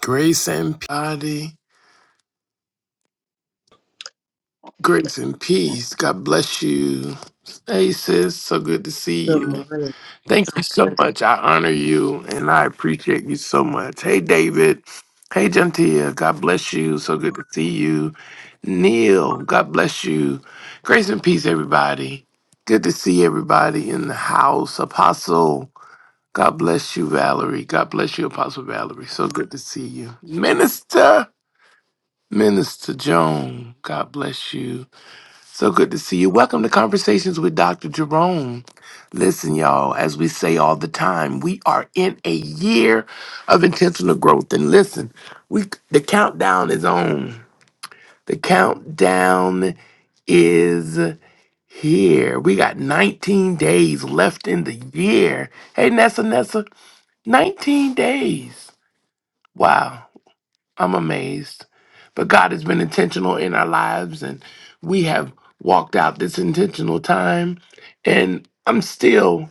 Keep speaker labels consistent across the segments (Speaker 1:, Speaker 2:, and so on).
Speaker 1: Grace and Patty. Grace and peace. God bless you. Hey, sis. So good to see
Speaker 2: Good
Speaker 1: you.
Speaker 2: morning.
Speaker 1: Thank you so much. I honor you and I appreciate you so much. Hey, David. Hey, Gentia. God bless you. So good to see you. Neil. God bless you. Grace and peace, everybody. Good to see everybody in the house. Apostle. God bless you, Valerie. God bless you, Apostle Valerie. So good to see you. Minister. Minister Joan, God bless you. So good to see you. Welcome to Conversations with Dr. Jerome. Listen, y'all, as we say all the time, we are in a year of intentional growth. And listen, we the countdown is on. The countdown is here. We got 19 days left in the year. Hey, Nessa, Nessa, 19 days. Wow. I'm amazed. But God has been intentional in our lives, and we have walked out this intentional time. And I'm still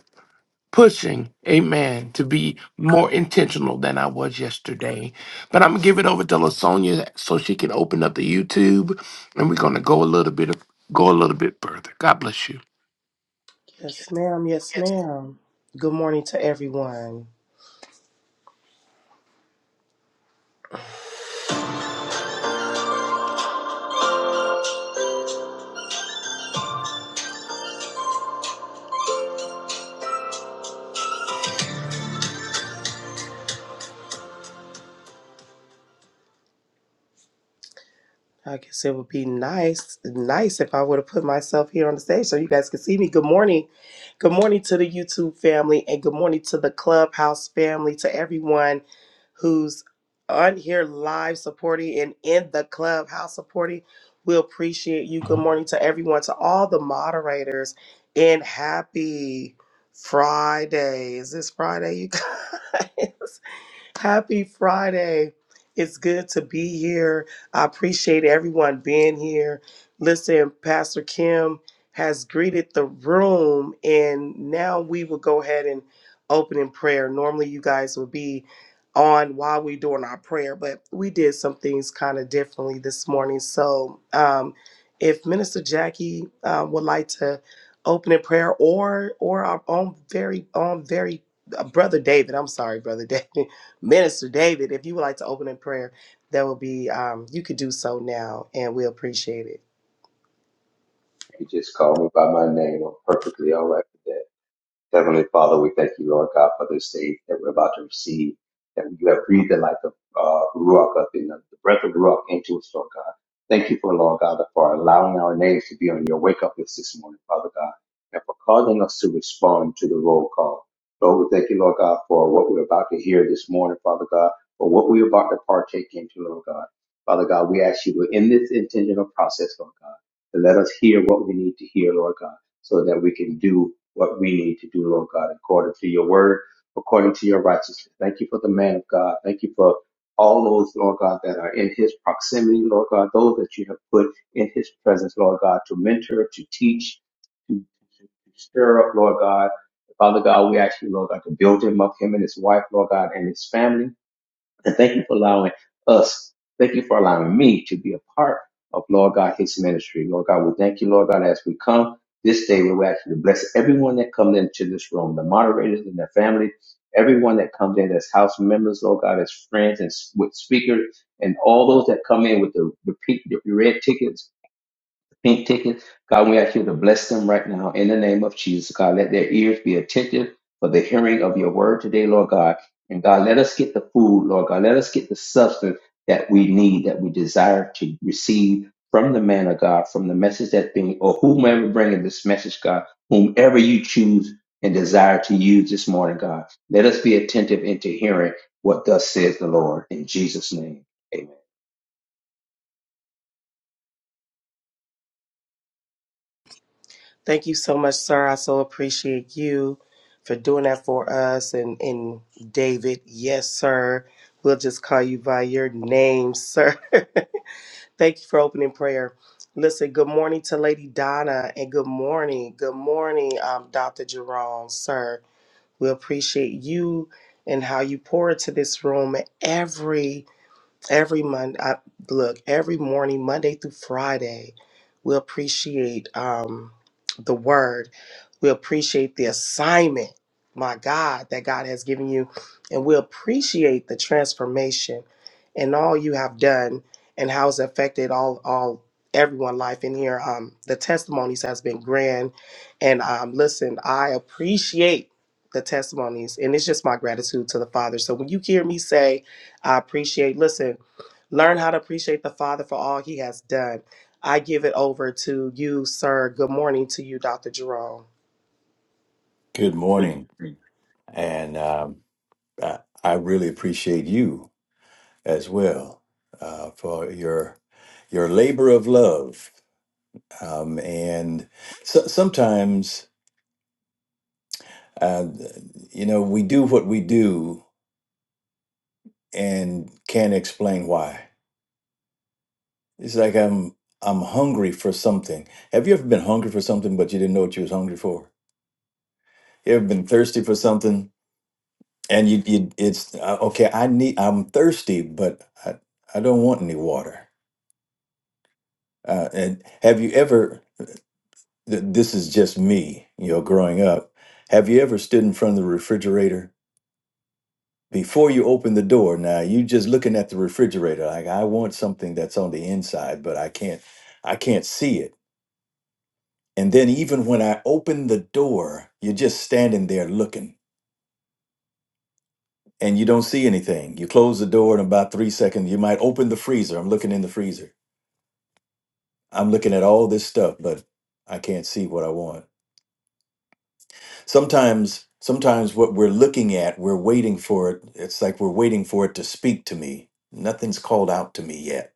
Speaker 1: pushing, amen, to be more intentional than I was yesterday. But I'm going to give it over to LaSonia so she can open up the YouTube, and we're going to go a little bit. Go a little bit further. God bless you.
Speaker 2: Yes, ma'am. Yes, ma'am. Good morning to everyone. I guess it would be nice, nice if I would have put myself here on the stage so you guys could see me. Good morning. Good morning to the YouTube family and good morning to the Clubhouse family, to everyone who's on here live supporting and in the Clubhouse supporting. We appreciate you. Good morning to everyone, to all the moderators, and happy Friday. Is this Friday, you guys? Happy Friday. It's good to be here. I appreciate everyone being here. Listen, Pastor Kim has greeted the room, and now we will go ahead and open in prayer. Normally, you guys would be on while we're doing our prayer, but we did some things kind of differently this morning. So, um, if Minister Jackie uh, would like to open in prayer, or or our own very own very uh, brother David, I'm sorry, brother David. Minister David, if you would like to open in prayer, that will be, um, you could do so now, and we appreciate it.
Speaker 3: You just call me by my name. I'm perfectly all right with that. Heavenly Father, we thank you, Lord God, for this day that we're about to receive, that you have breathed the life of uh, Ruach up in us, the breath of Ruach into us, Lord God. Thank you for, Lord God, for allowing our names to be on your wake up list this morning, Father God, and for causing us to respond to the roll call. Lord, we thank you, Lord God, for what we're about to hear this morning, Father God, for what we're about to partake into, Lord God. Father God, we ask you to, in this intentional process, Lord God, to let us hear what we need to hear, Lord God so that we can do what we need to do, Lord God, according to your word, according to your righteousness. Thank you for the man of God. Thank you for all those, Lord God, that are in his proximity, Lord God, those that you have put in his presence, Lord God, to mentor, to teach, to, to to stir up, Lord God. Father God, we ask you, Lord God, to build him up, him and his wife, Lord God, and his family. And thank you for allowing us, thank you for allowing me to be a part of Lord God, His ministry. Lord God, we thank you, Lord God, as we come this day, we ask you to bless everyone that comes into this room, the moderators and their family, everyone that comes in as house members, Lord God, as friends and s- with speakers, and all those that come in with the, the, pe- the red tickets pink ticket. God, we ask you to bless them right now in the name of Jesus. God, let their ears be attentive for the hearing of your word today, Lord God. And God, let us get the food, Lord God. Let us get the substance that we need, that we desire to receive from the man of God, from the message that's being, or whomever bringing this message, God, whomever you choose and desire to use this morning, God. Let us be attentive into hearing what thus says the Lord. In Jesus' name, amen.
Speaker 2: Thank you so much, sir. I so appreciate you for doing that for us. And, and David, yes, sir. We'll just call you by your name, sir. Thank you for opening prayer. Listen, good morning to Lady Donna, and good morning, good morning, um, Dr. Jerome, sir. We appreciate you and how you pour into this room every every month I, look every morning monday through friday we appreciate um, the word we appreciate the assignment my god that god has given you and we appreciate the transformation and all you have done and how it's affected all all everyone life in here um, the testimonies has been grand and um, listen i appreciate the testimonies and it's just my gratitude to the father so when you hear me say i appreciate listen Learn how to appreciate the Father for all he has done. I give it over to you, sir. Good morning to you, Dr. Jerome.
Speaker 4: Good
Speaker 2: Good.
Speaker 4: morning. And um, I, I really appreciate you as well uh, for your your labor of love. Um, and so, sometimes, uh, you know, we do what we do and can't explain why. It's like I'm I'm hungry for something. Have you ever been hungry for something but you didn't know what you was hungry for? You ever been thirsty for something and you, you it's uh, okay. I need I'm thirsty, but I, I don't want any water Uh, and have you ever, th- this is just me, you know, growing up, have you ever stood in front of the refrigerator? Before you open the door, now you just looking at the refrigerator like I want something that's on the inside, but I can't I can't see it. And then even when I open the door, you're just standing there looking and you don't see anything. You close the door in about 3 seconds, you might open the freezer. I'm looking in the freezer. I'm looking at all this stuff, but I can't see what I want sometimes sometimes what we're looking at we're waiting for it it's like we're waiting for it to speak to me nothing's called out to me yet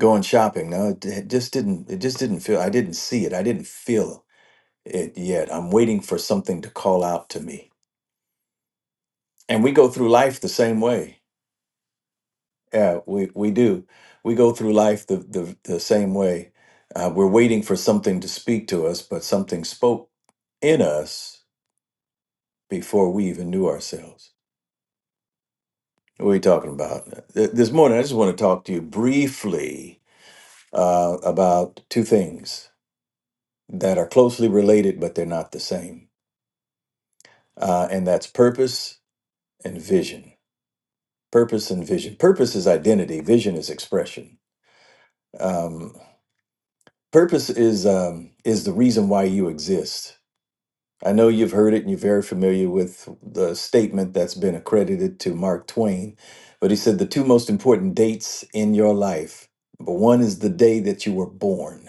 Speaker 4: going shopping no it, it just didn't it just didn't feel i didn't see it i didn't feel it yet i'm waiting for something to call out to me and we go through life the same way yeah we we do we go through life the the, the same way uh, we're waiting for something to speak to us but something spoke in us before we even knew ourselves What are you talking about? Th- This morning, I just want to talk to you briefly uh, about two things that are closely related, but they're not the same. Uh, and that's purpose and vision. Purpose and vision. Purpose is identity, vision is expression. Um, purpose is, um, is the reason why you exist I know you've heard it and you're very familiar with the statement that's been accredited to Mark Twain, but he said the two most important dates in your life number one is the day that you were born,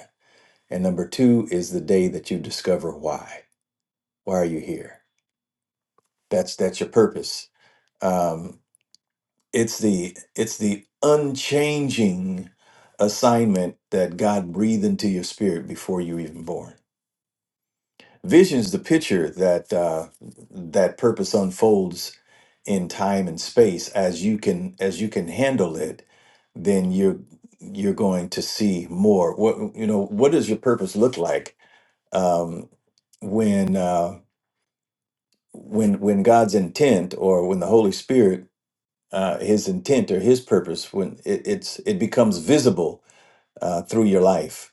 Speaker 4: and number two is the day that you discover why. Why are you here? That's that's your purpose. Um, it's the it's the unchanging assignment that God breathed into your spirit before you were even born Vision's the picture that uh, that purpose unfolds in time and space. As you can as you can handle it, then you're you're going to see more. What you know? What does your purpose look like um, when uh, when when God's intent or when the Holy Spirit uh, His intent or His purpose when it, it's it becomes visible uh, through your life.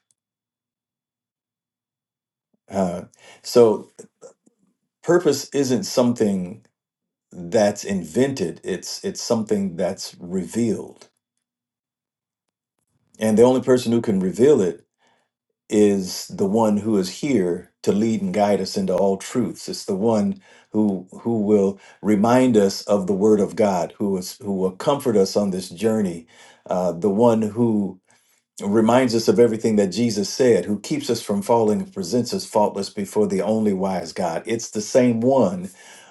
Speaker 4: Uh, so purpose isn't something. that's invented. It's it's something that's revealed. And the only person who can reveal it is the one who is here to lead and guide us into all truths. It's the one who who will remind us of the word of God, who is who will comfort us on this journey, uh, the one who reminds us of everything that Jesus said, who keeps us from falling and presents us faultless before the only wise God. It's the same one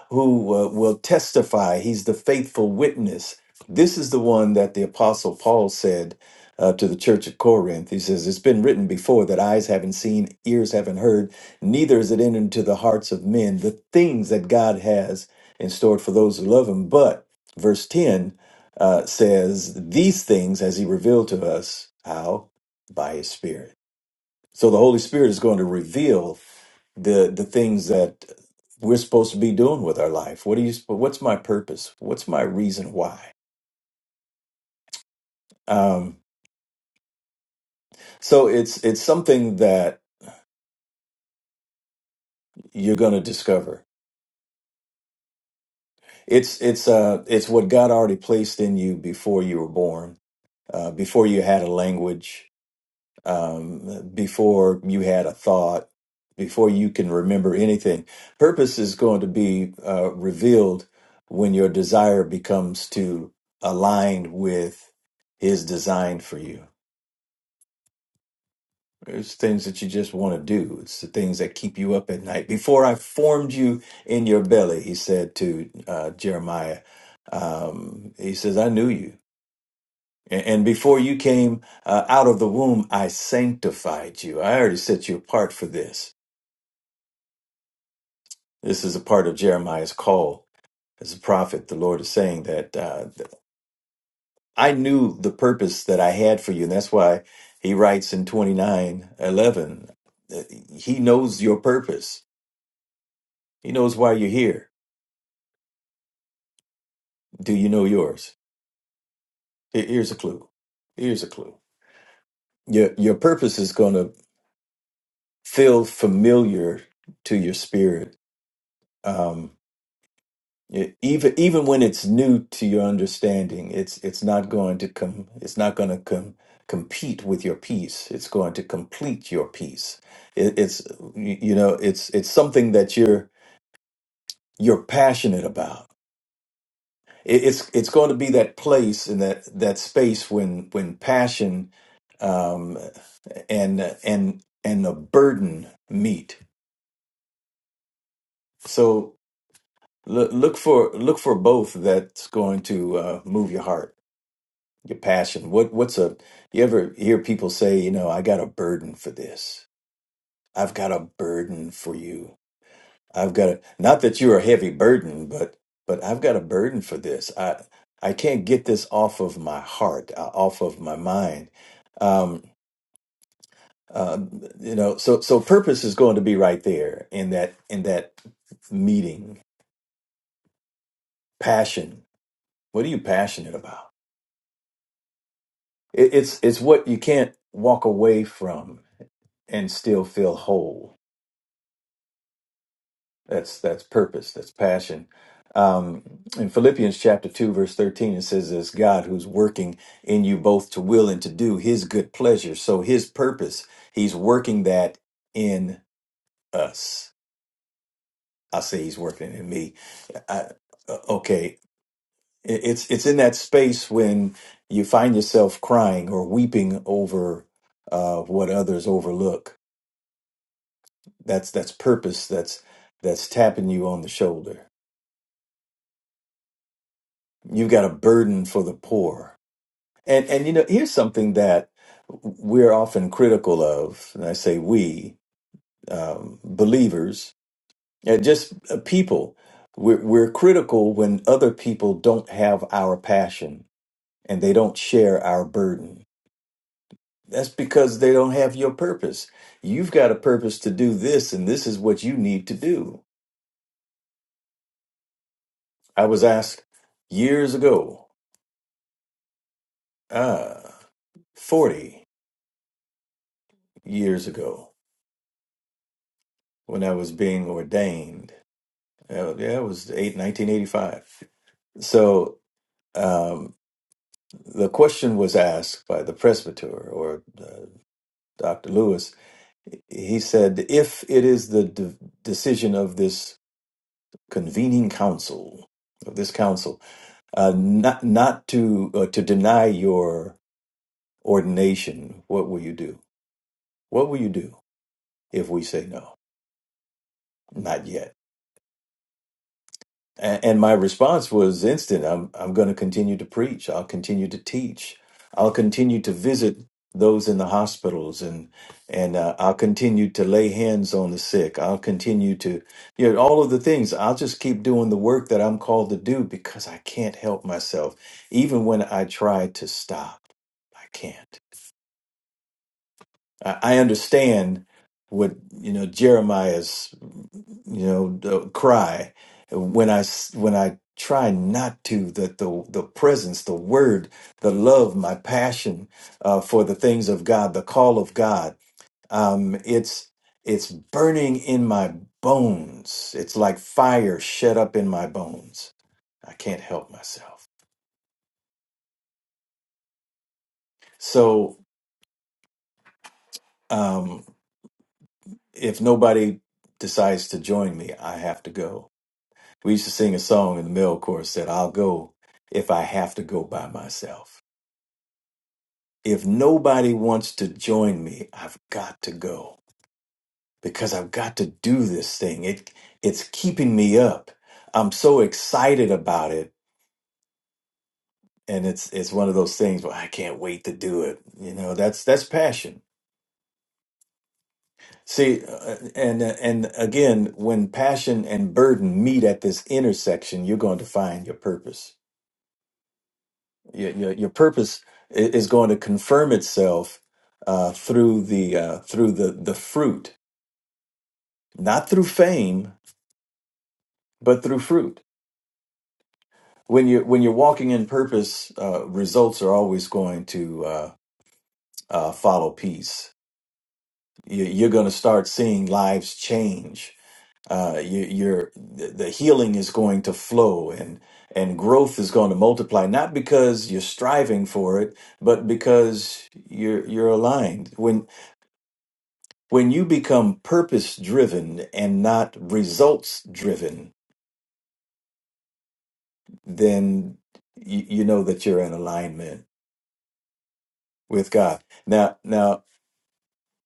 Speaker 4: who uh, will testify, he's the faithful witness. This is the one that the Apostle Paul said uh, to the church at Corinth. He says, It's been written before that eyes haven't seen, ears haven't heard, neither is it entered into the hearts of men the things that God has in store for those who love him. But, verse 10, uh, says these things as he revealed to us how by his spirit so the holy spirit is going to reveal the the things that we're supposed to be doing with our life what do you what's my purpose what's my reason why um so it's it's something that you're going to discover it's it's uh it's what god already placed in you before you were born uh, before you had a language um, before you had a thought, before you can remember anything. Purpose is going to be uh, revealed when your desire becomes to align with His design for you. It's things that you just want to do. It's the things that keep you up at night. Before I formed you in your belly, he said to uh, Jeremiah, um, he says, I knew you. And and before you came uh, out of the womb, I sanctified you. I already set you apart for this This is a part of Jeremiah's call as a prophet. The Lord is saying that uh, I knew the purpose that I had for you. And that's why he writes in twenty nine eleven. uh, he knows your purpose. He knows why you're here. Do you know yours? Here- Here's a clue. Here's a clue. Your, your purpose is going to feel familiar to your spirit. Um, E- even even when it's new to your understanding it's it's not going to come it's not going to come compete with your peace it's going to complete your peace it, it's y- you know it's it's something that you're you're passionate about it, it's it's going to be that place and that that space when when passion um and and and a burden meet so look look for look for both that's going to uh, move your heart your passion what what's a you ever hear people say you know i got a burden for this i've got a burden for you i've got a not that you're a heavy burden but but i've got a burden for this i i can't get this off of my heart uh, off of my mind um uh, you know so so purpose is going to be right there in that in that meeting passion what are you passionate about it, it's it's what you can't walk away from and still feel whole That's that's purpose. That's passion. Um, in Philippians chapter two, verse thirteen, it says, "It's God who's working in you both to will and to do His good pleasure." So His purpose, He's working that in us. I say He's working in me. I, uh, okay, It- it's it's in that space when you find yourself crying or weeping over uh, what others overlook. That's that's purpose. That's that's tapping you on the shoulder. You've got a burden for the poor And and you know, here's something that we're often critical of, and I say we um, believers, and just uh, people, we're, we're critical when other people don't have our passion and they don't share our burden. That's because they don't have your purpose. You've got a purpose to do this, and this is what you need to do. I was asked years ago, ah, 40 years ago, when I was being ordained Yeah, yeah, it was eight nineteen eighty five. So um, the question was asked by the presbyter or uh, Dr. Lewis. He said, if it is the de- decision of this convening council, of this council, uh, not not to uh, to deny your ordination, what will you do? What will you do if we say no? Not yet. A- And my response was instant. I'm I'm going to continue to preach. I'll continue to teach. I'll continue to visit those in the hospitals, and and uh, I'll continue to lay hands on the sick. I'll continue to you know all of the things. I'll just keep doing the work that I'm called to do because I can't help myself. Even when I try to stop, I can't. I, I understand what you know Jeremiah's you know uh, cry when i s- when i try not to that the the presence the word the love my passion uh, for the things of god the call of god um it's it's burning in my bones it's like fire shut up in my bones i can't help myself so um if nobody decides to join me i have to go We used to sing a song in the male chorus that I'll go if I have to go by myself. If nobody wants to join me, I've got to go because I've got to do this thing. It it's keeping me up. I'm so excited about it and it's it's one of those things where I can't wait to do it. You know, that's that's passion. See, uh, and and again, when passion and burden meet at this intersection, you're going to find your purpose your your, your purpose i- is going to confirm itself uh, through the uh, through the the fruit, not through fame, but through fruit. When you when you're walking in purpose, uh, results are always going to uh, uh, follow peace. You, you're going to start seeing lives change. Uh, you, you're the the healing is going to flow and and growth is going to multiply not because you're striving for it but because you're you're aligned When you become purpose driven and not results driven, then you, you know that you're in alignment with God. Now, now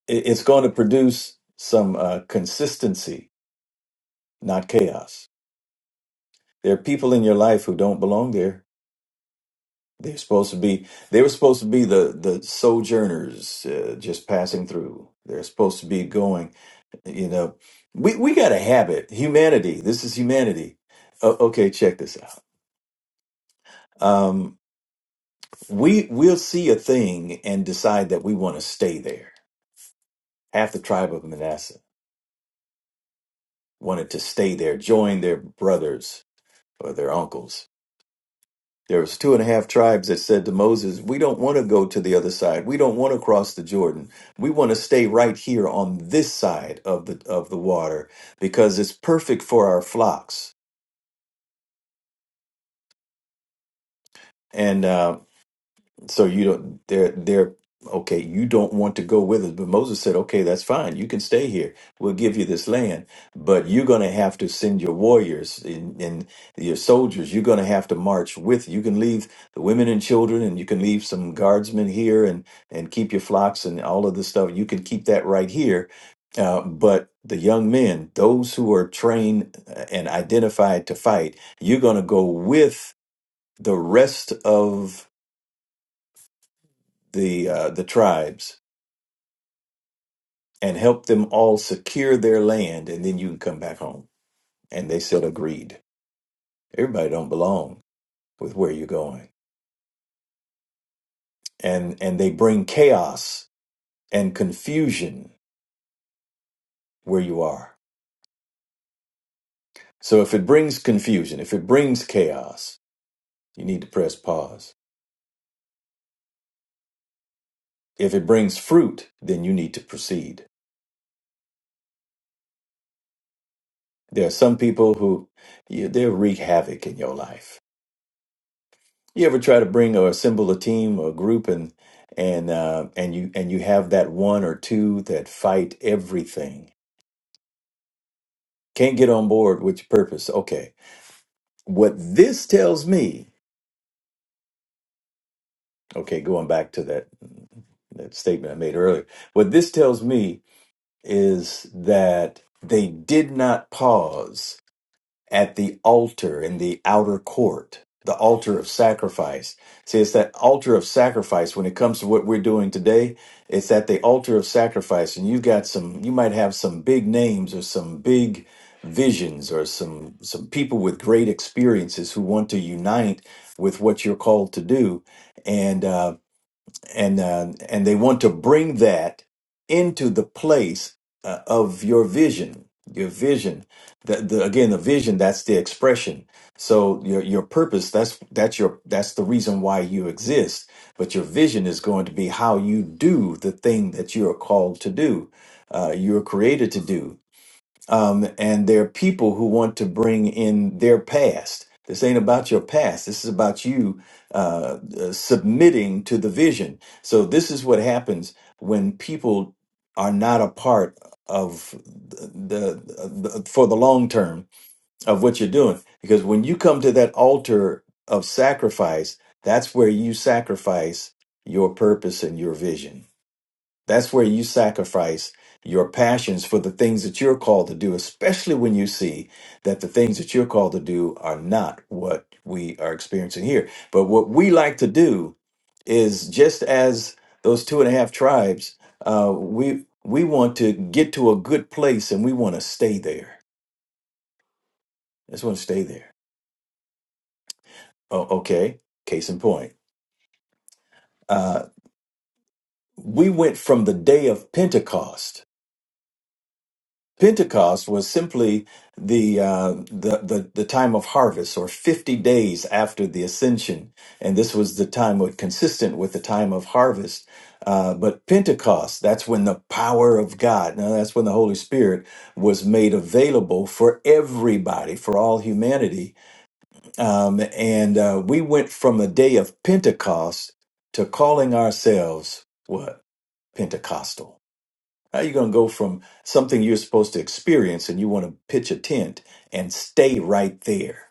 Speaker 4: it- it's going to produce some uh, consistency, not chaos. There are people in your life who don't belong there. They're supposed to be. They were supposed to be the the sojourners, uh, just passing through. They're supposed to be going. You know, we we got a habit. Humanity. This is humanity. O- okay, check this out. Um, We we'll see a thing and decide that we want to stay there. Half the tribe of Manasseh wanted to stay there, join their brothers or their uncles. There was two and a half tribes that said to Moses, "We don't want to go to the other side. We don't want to cross the Jordan. We want to stay right here on this side of the of the water because it's perfect for our flocks." And uh, So you don't they're they're okay, you don't want to go with us. But Moses said, Okay, that's fine, you can stay here. We'll give you this land, but you're gonna have to send your warriors and, and your soldiers, you're gonna have to march with you can leave the women and children and you can leave some guardsmen here and and keep your flocks and all of this stuff. You can keep that right here. Uh, but the young men, those who are trained uh, and identified to fight, you're going to go with the rest of the uh, the tribes and help them all secure their land, and then you can come back home. And they said, agreed. Everybody don't belong with where you're going, and and they bring chaos and confusion where you are. So if it brings confusion, if it brings chaos, you need to press pause. If it brings fruit, then you need to proceed. There are some people who you, they'll wreak havoc in your life You ever try to bring or assemble a team or group and and uh, and you and you have that one or two that fight everything. Can't get on board with your purpose. Okay. What this tells me, okay, going back to that that statement I made earlier, what this tells me is that they did not pause at the altar in the outer court, the altar of sacrifice. See, it's that altar of sacrifice when it comes to what we're doing today. It's at the altar of sacrifice, and you got some, you might have some big names or some big visions or some some people with great experiences who want to unite with what you're called to do and. uh, and uh, and they want to bring that into the place uh, of your vision your vision that the, again the vision that's the expression so your your purpose that's that's your that's the reason why you exist but your vision is going to be how you do the thing that you are called to do uh, you are created to do um, and there are people who want to bring in their past. This ain't about your past. This is about you uh, uh, submitting to the vision. So this is what happens when people are not a part of the, the for the long term of what you're doing. Because when you come to that altar of sacrifice, that's where you sacrifice your purpose and your vision. That's where you sacrifice your passions for the things that you're called to do, especially when you see that the things that you're called to do are not what we are experiencing here. But what we like to do is just as those two and a half tribes, uh, we we want to get to a good place and we want to stay there. Just want to stay there. Oh, okay. Case in point, uh, we went from the day of Pentecost Pentecost was simply the, uh, the the the time of harvest, or fifty days after the ascension, and this was the time of, consistent with the time of harvest. Uh, but Pentecost, that's when the power of God, now that's when the Holy Spirit was made available for everybody, for all humanity. Um, and uh, we went from a day of Pentecost to calling ourselves what? Pentecostal. How are you going to go from something you're supposed to experience and you want to pitch a tent and stay right there?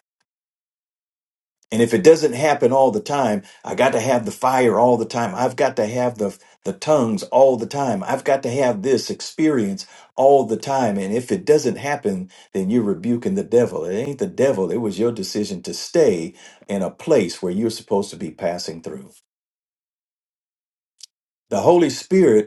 Speaker 4: And if it doesn't happen all the time, I got to have the fire all the time. I've got to have the the tongues all the time. I've got to have this experience all the time. And if it doesn't happen, then you're rebuking the devil. It ain't the devil. It was your decision to stay in a place where you're supposed to be passing through. The Holy Spirit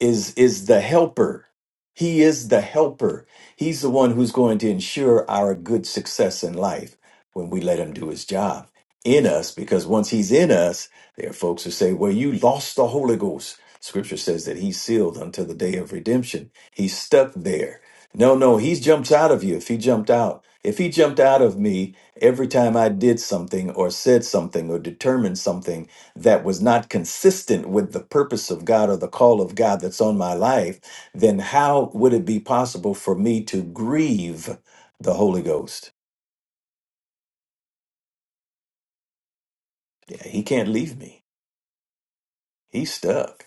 Speaker 4: is is the helper. He is the helper. He's the one who's going to ensure our good success in life when we let him do his job in us because once he's in us, there are folks who say, "Well, you lost the Holy Ghost." Scripture says that he's sealed until the day of redemption. He's stuck there. No, no, he jumps out of you. If he jumped out, if he jumped out of me every time I did something or said something or determined something that was not consistent with the purpose of God or the call of God that's on my life, then how would it be possible for me to grieve the Holy Ghost? Yeah, he can't leave me. He's stuck.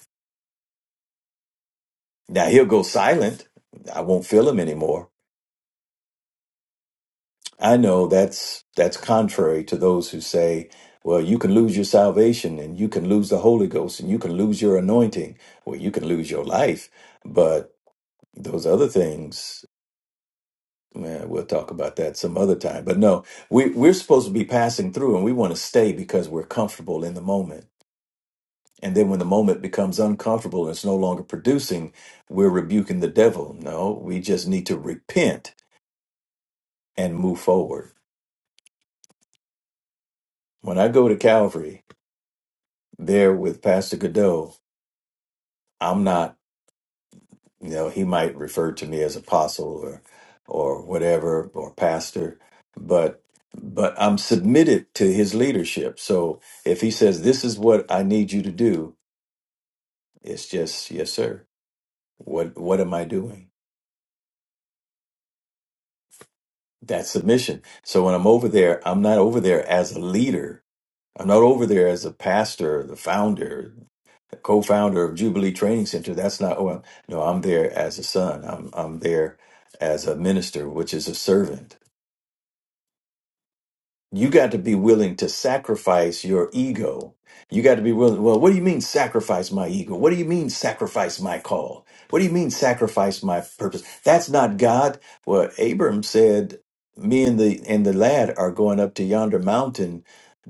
Speaker 4: Now he'll go silent. I won't feel him anymore. I know that's that's contrary to those who say, well, you can lose your salvation and you can lose the Holy Ghost and you can lose your anointing. Well, you can lose your life, but those other things Well, we'll talk about that some other time. But no, we, we're supposed to be passing through and we want to stay because we're comfortable in the moment. And then when the moment becomes uncomfortable and it's no longer producing, we're rebuking the devil. No, we just need to repent and move forward. When I go to Calvary there with Pastor Godot, I'm not. you know he might refer to me as apostle or or whatever or pastor but but i'm submitted to his leadership so if he says this is what i need you to do it's just yes sir what what am i doing that's submission so when i'm over there i'm not over there as a leader i'm not over there as a pastor the founder the co-founder of jubilee training center that's not oh no i'm there as a son i'm i'm there as a minister which is a servant you got to be willing to sacrifice your ego. You got to be willing. Well, what do you mean sacrifice my ego? What do you mean sacrifice my call? What do you mean sacrifice my purpose? That's not God. Well, Abram said, "Me and the and the lad are going up to yonder mountain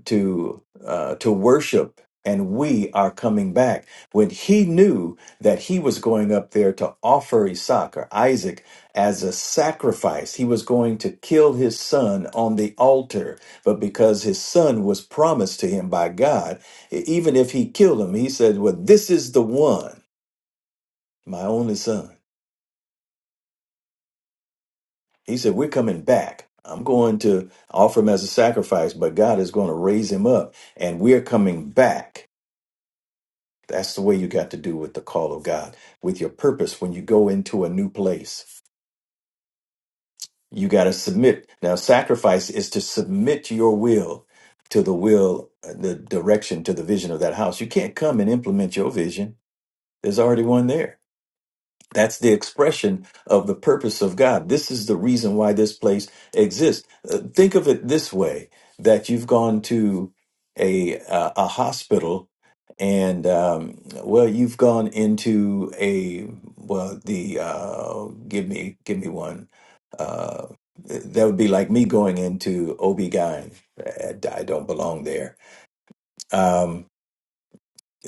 Speaker 4: to uh, to worship." And we are coming back. When he knew that he was going up there to offer Isaac or Isaac as a sacrifice, he was going to kill his son on the altar but because his son was promised to him by God, e- even if he killed him, he said, Well, this is the one, my only son. He said, We're coming back. I'm going to offer him as a sacrifice, but God is going to raise him up, and we're coming back. That's the way you got to do with the call of God, with your purpose when you go into a new place. You got to submit. Now, sacrifice is to submit your will to the will, uh, the direction, to the vision of that house. You can't come and implement your vision There's already one there. That's the expression of the purpose of God. This is the reason why this place exists. Uh, Think of it this way: that you've gone to a uh, a hospital, and um, well, you've gone into a well, the uh, give me give me one. Uh, that would be like me going into ob I I don't belong there. Um,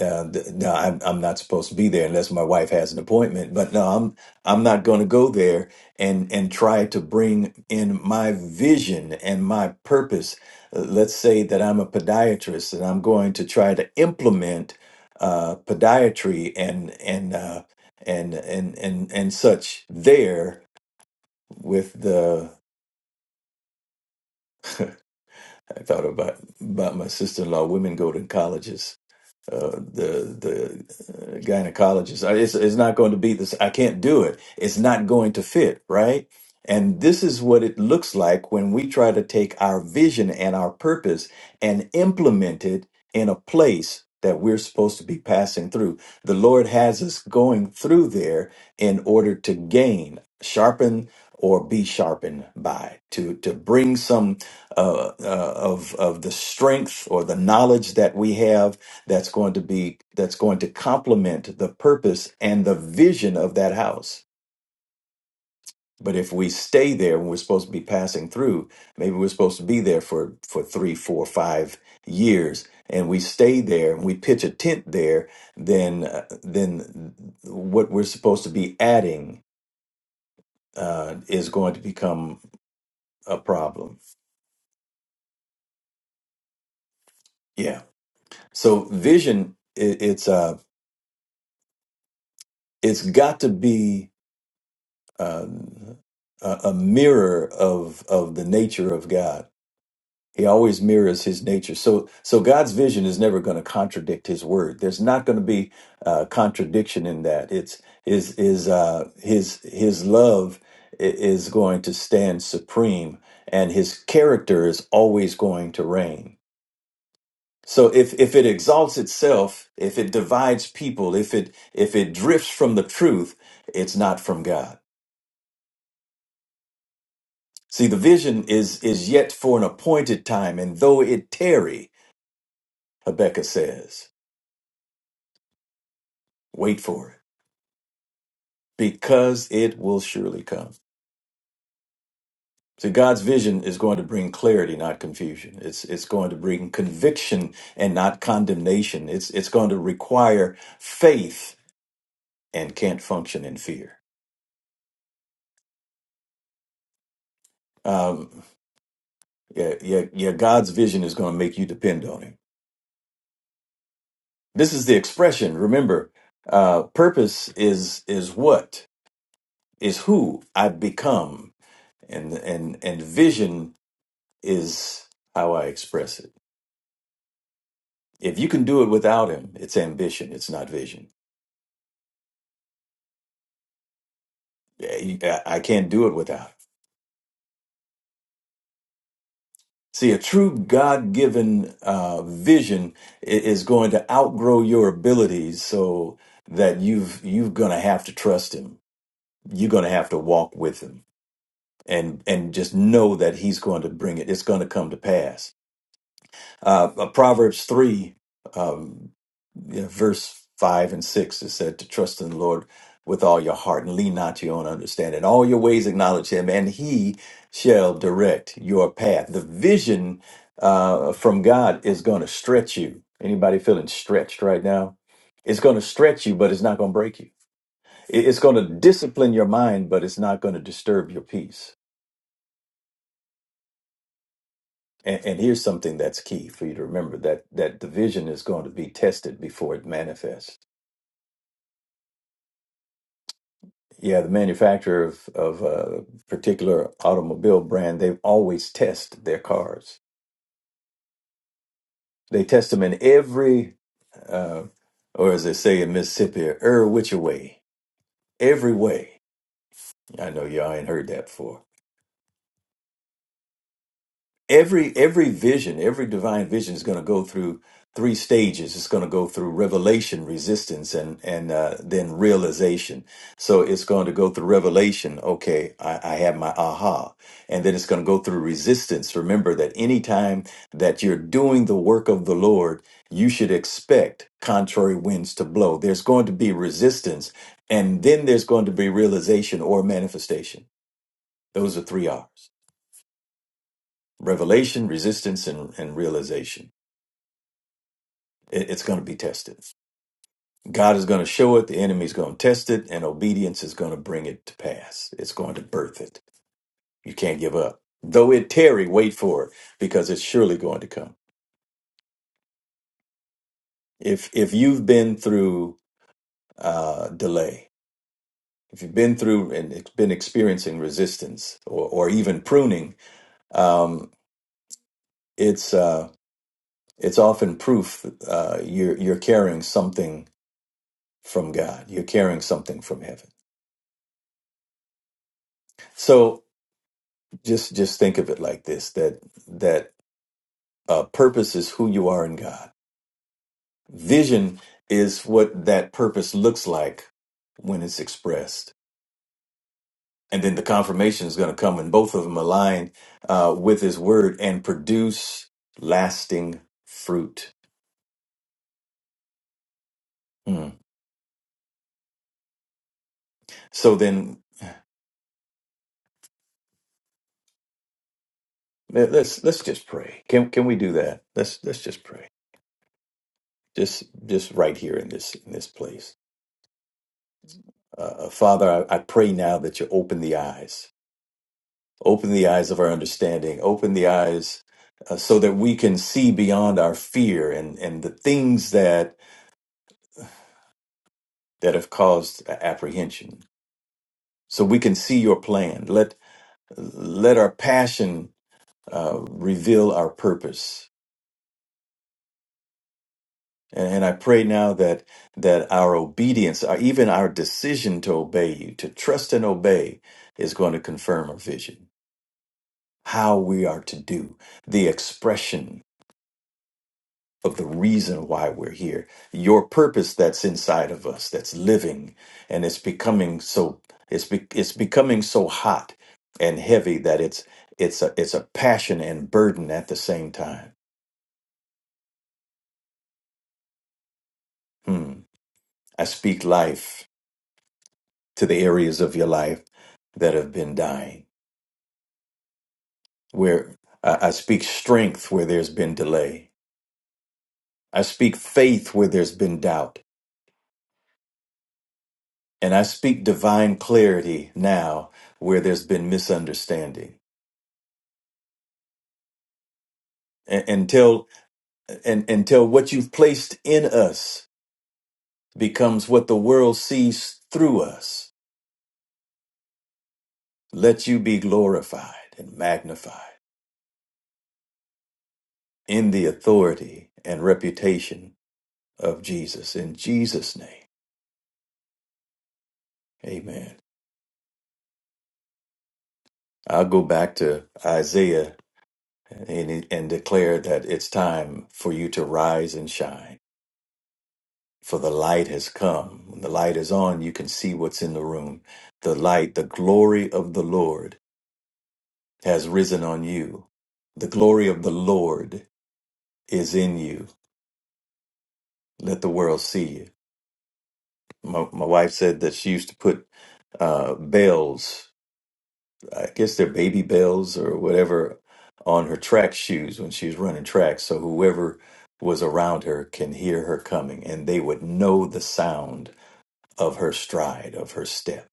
Speaker 4: uh, th- no, I'm, I'm not supposed to be there unless my wife has an appointment. But no, I'm I'm not going to go there and and try to bring in my vision and my purpose. Uh, Let's say that I'm a podiatrist and I'm going to try to implement uh, podiatry and and uh, and and and and such there with the. I thought about about my sister-in-law. Women go to colleges uh, the the uh, gynecologist. I- It's, it's not going to be this. I can't do it. It's not going to fit, right? And this is what it looks like when we try to take our vision and our purpose and implement it in a place that we're supposed to be passing through. The Lord has us going through there in order to gain, sharpen, or be sharpened by, to to bring some uh, uh, of of the strength or the knowledge that we have that's going to be that's going to complement the purpose and the vision of that house but if we stay there when we're supposed to be passing through maybe we're supposed to be there for for three four five years and we stay there and we pitch a tent there then uh, then what we're supposed to be adding uh, is going to become a problem yeah so vision it, it's uh it's got to be um, a, a mirror of of the nature of God. He always mirrors His nature. So so God's vision is never going to contradict His word. There's not going to be uh, contradiction in that. It's is is uh, His His love i- is going to stand supreme, and His character is always going to reign. So if if it exalts itself, if it divides people, if it if it drifts from the truth, it's not from God. See, the vision is is yet for an appointed time, and though it tarry, Habakkuk says, wait for it, because it will surely come. See, God's vision is going to bring clarity, not confusion. It's it's going to bring conviction and not condemnation. It's it's going to require faith and can't function in fear. Um, yeah, yeah, yeah. God's vision is going to make you depend on Him. This is the expression. Remember, uh, purpose is is what is who I become, and and and vision is how I express it. If you can do it without him, it's ambition. It's not vision. Yeah, you- I I can't do it without. Him. See, a true God-given uh, vision i- is going to outgrow your abilities, so that you've you're going to have to trust him. You're going to have to walk with him, and and just know that he's going to bring it. It's going to come to pass. Uh, uh, Proverbs three. um, you know, verse 5 and 6 is said to trust in the Lord with all your heart and lean not to your own understanding. All your ways acknowledge him, and he shall direct your path. The vision uh, from God is going to stretch you. Anybody feeling stretched right now? It's going to stretch you, but it's not going to break you. It- It's going to discipline your mind, but it's not going to disturb your peace. And, and here's something that's key for you to remember that that the vision is going to be tested before it manifests Yeah, the manufacturer of, of a particular automobile brand, they always test their cars. They test them in every, uh, or as they say in Mississippi, er which way, every way. I know y'all ain't heard that before. every every vision every divine vision is going to go through three stages it's going to go through revelation resistance and and uh, then realization so it's going to go through revelation okay I, I have my aha and then it's going to go through resistance remember that anytime that you're doing the work of the lord you should expect contrary winds to blow there's going to be resistance and then there's going to be realization or manifestation those are three r's revelation, resistance, and, and realization. It- it's going to be tested. God is going to show it, the enemy's going to test it, and obedience is going to bring it to pass. It's going to birth it. You can't give up. Though it tarry, wait for it because it's surely going to come. If if you've been through uh, delay, if you've been through and it's been experiencing resistance or, or even pruning, um, it's uh, it's often proof uh, you're you're carrying something from God. You're carrying something from heaven So just just think of it like this: that that uh, purpose is who you are in God. Vision is what that purpose looks like when it's expressed, and then the confirmation is going to come when both of them align uh, with His Word and produce lasting fruit. Hmm. So then let- let's let's just pray. Can can we do that? Let's let's just pray. Just just right here in this in this place. Uh, uh, Father, I, I pray now that you open the eyes Open the eyes of our understanding. Open the eyes uh, so that we can see beyond our fear and, and the things that that have caused apprehension. So we can see your plan. Let let our passion uh, reveal our purpose. And, and I pray now that that our obedience, or even our decision to obey you, to trust and obey, is going to confirm our vision. How we are to do the expression of the reason why we're here, your purpose that's inside of us, that's living, and it's becoming so it's be, it's becoming so hot and heavy that it's it's a it's a passion and burden at the same time. Hmm. I speak life to the areas of your life that have been dying. Where I I speak strength where there's been delay. I speak faith where there's been doubt, and I speak divine clarity now where there's been misunderstanding. and, until and until what you've placed in us becomes what the world sees through us let you be glorified and magnified in the authority and reputation of jesus in jesus name amen i'll go back to isaiah and, and declare that it's time for you to rise and shine for the light has come when the light is on you can see what's in the room the light the glory of the lord has risen on you. The glory of the Lord is in you. Let the world see you. My, my wife said that she used to put uh, bells, I guess they're baby bells or whatever, on her track shoes when she was running track. So whoever was around her can hear her coming and they would know the sound of her stride, of her step.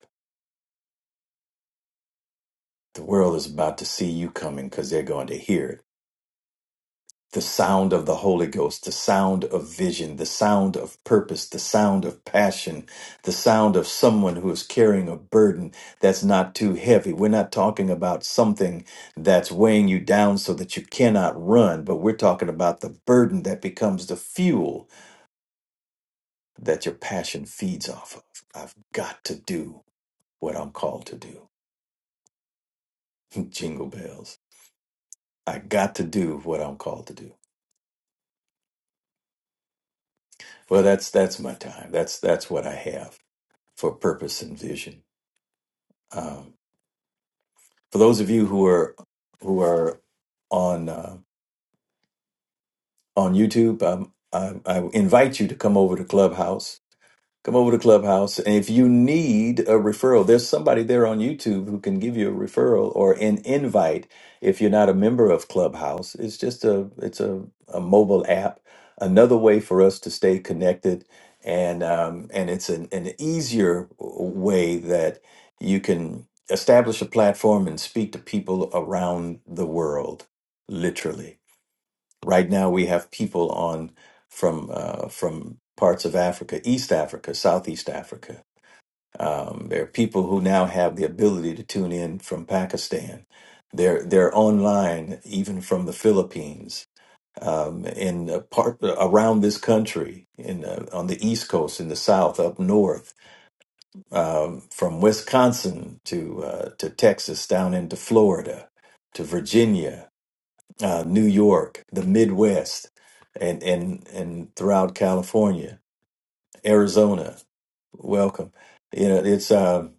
Speaker 4: The world is about to see you coming because they're going to hear it the sound of the Holy Ghost, the sound of vision, the sound of purpose, the sound of passion, the sound of someone who is carrying a burden that's not too heavy. We're not talking about something that's weighing you down so that you cannot run, but we're talking about the burden that becomes the fuel that your passion feeds off of. I've got to do what I'm called to do. Jingle bells. I got to do what I'm called to do. Well, that's that's my time. That's that's what I have. for purpose and vision. Um, for those of you who are who are on uh, on YouTube, um, I, I invite you to come over to Clubhouse Come over to Clubhouse. And if you need a referral, there's somebody there on YouTube who can give you a referral or an invite if you're not a member of Clubhouse. It's just a it's a, a mobile app, another way for us to stay connected. And um, and it's an, an easier way that you can establish a platform and speak to people around the world, literally. Right now, we have people on from uh, from parts of Africa, East Africa, Southeast Africa. Um, there are people who now have the ability to tune in from Pakistan. They're they're online even from the Philippines, um, in a part around this country, in uh, on the East Coast, in the South, up north, um, from Wisconsin to uh, to Texas, down into Florida, to Virginia uh, New York, the Midwest, and and and throughout California, Arizona. Welcome. You know, it's um,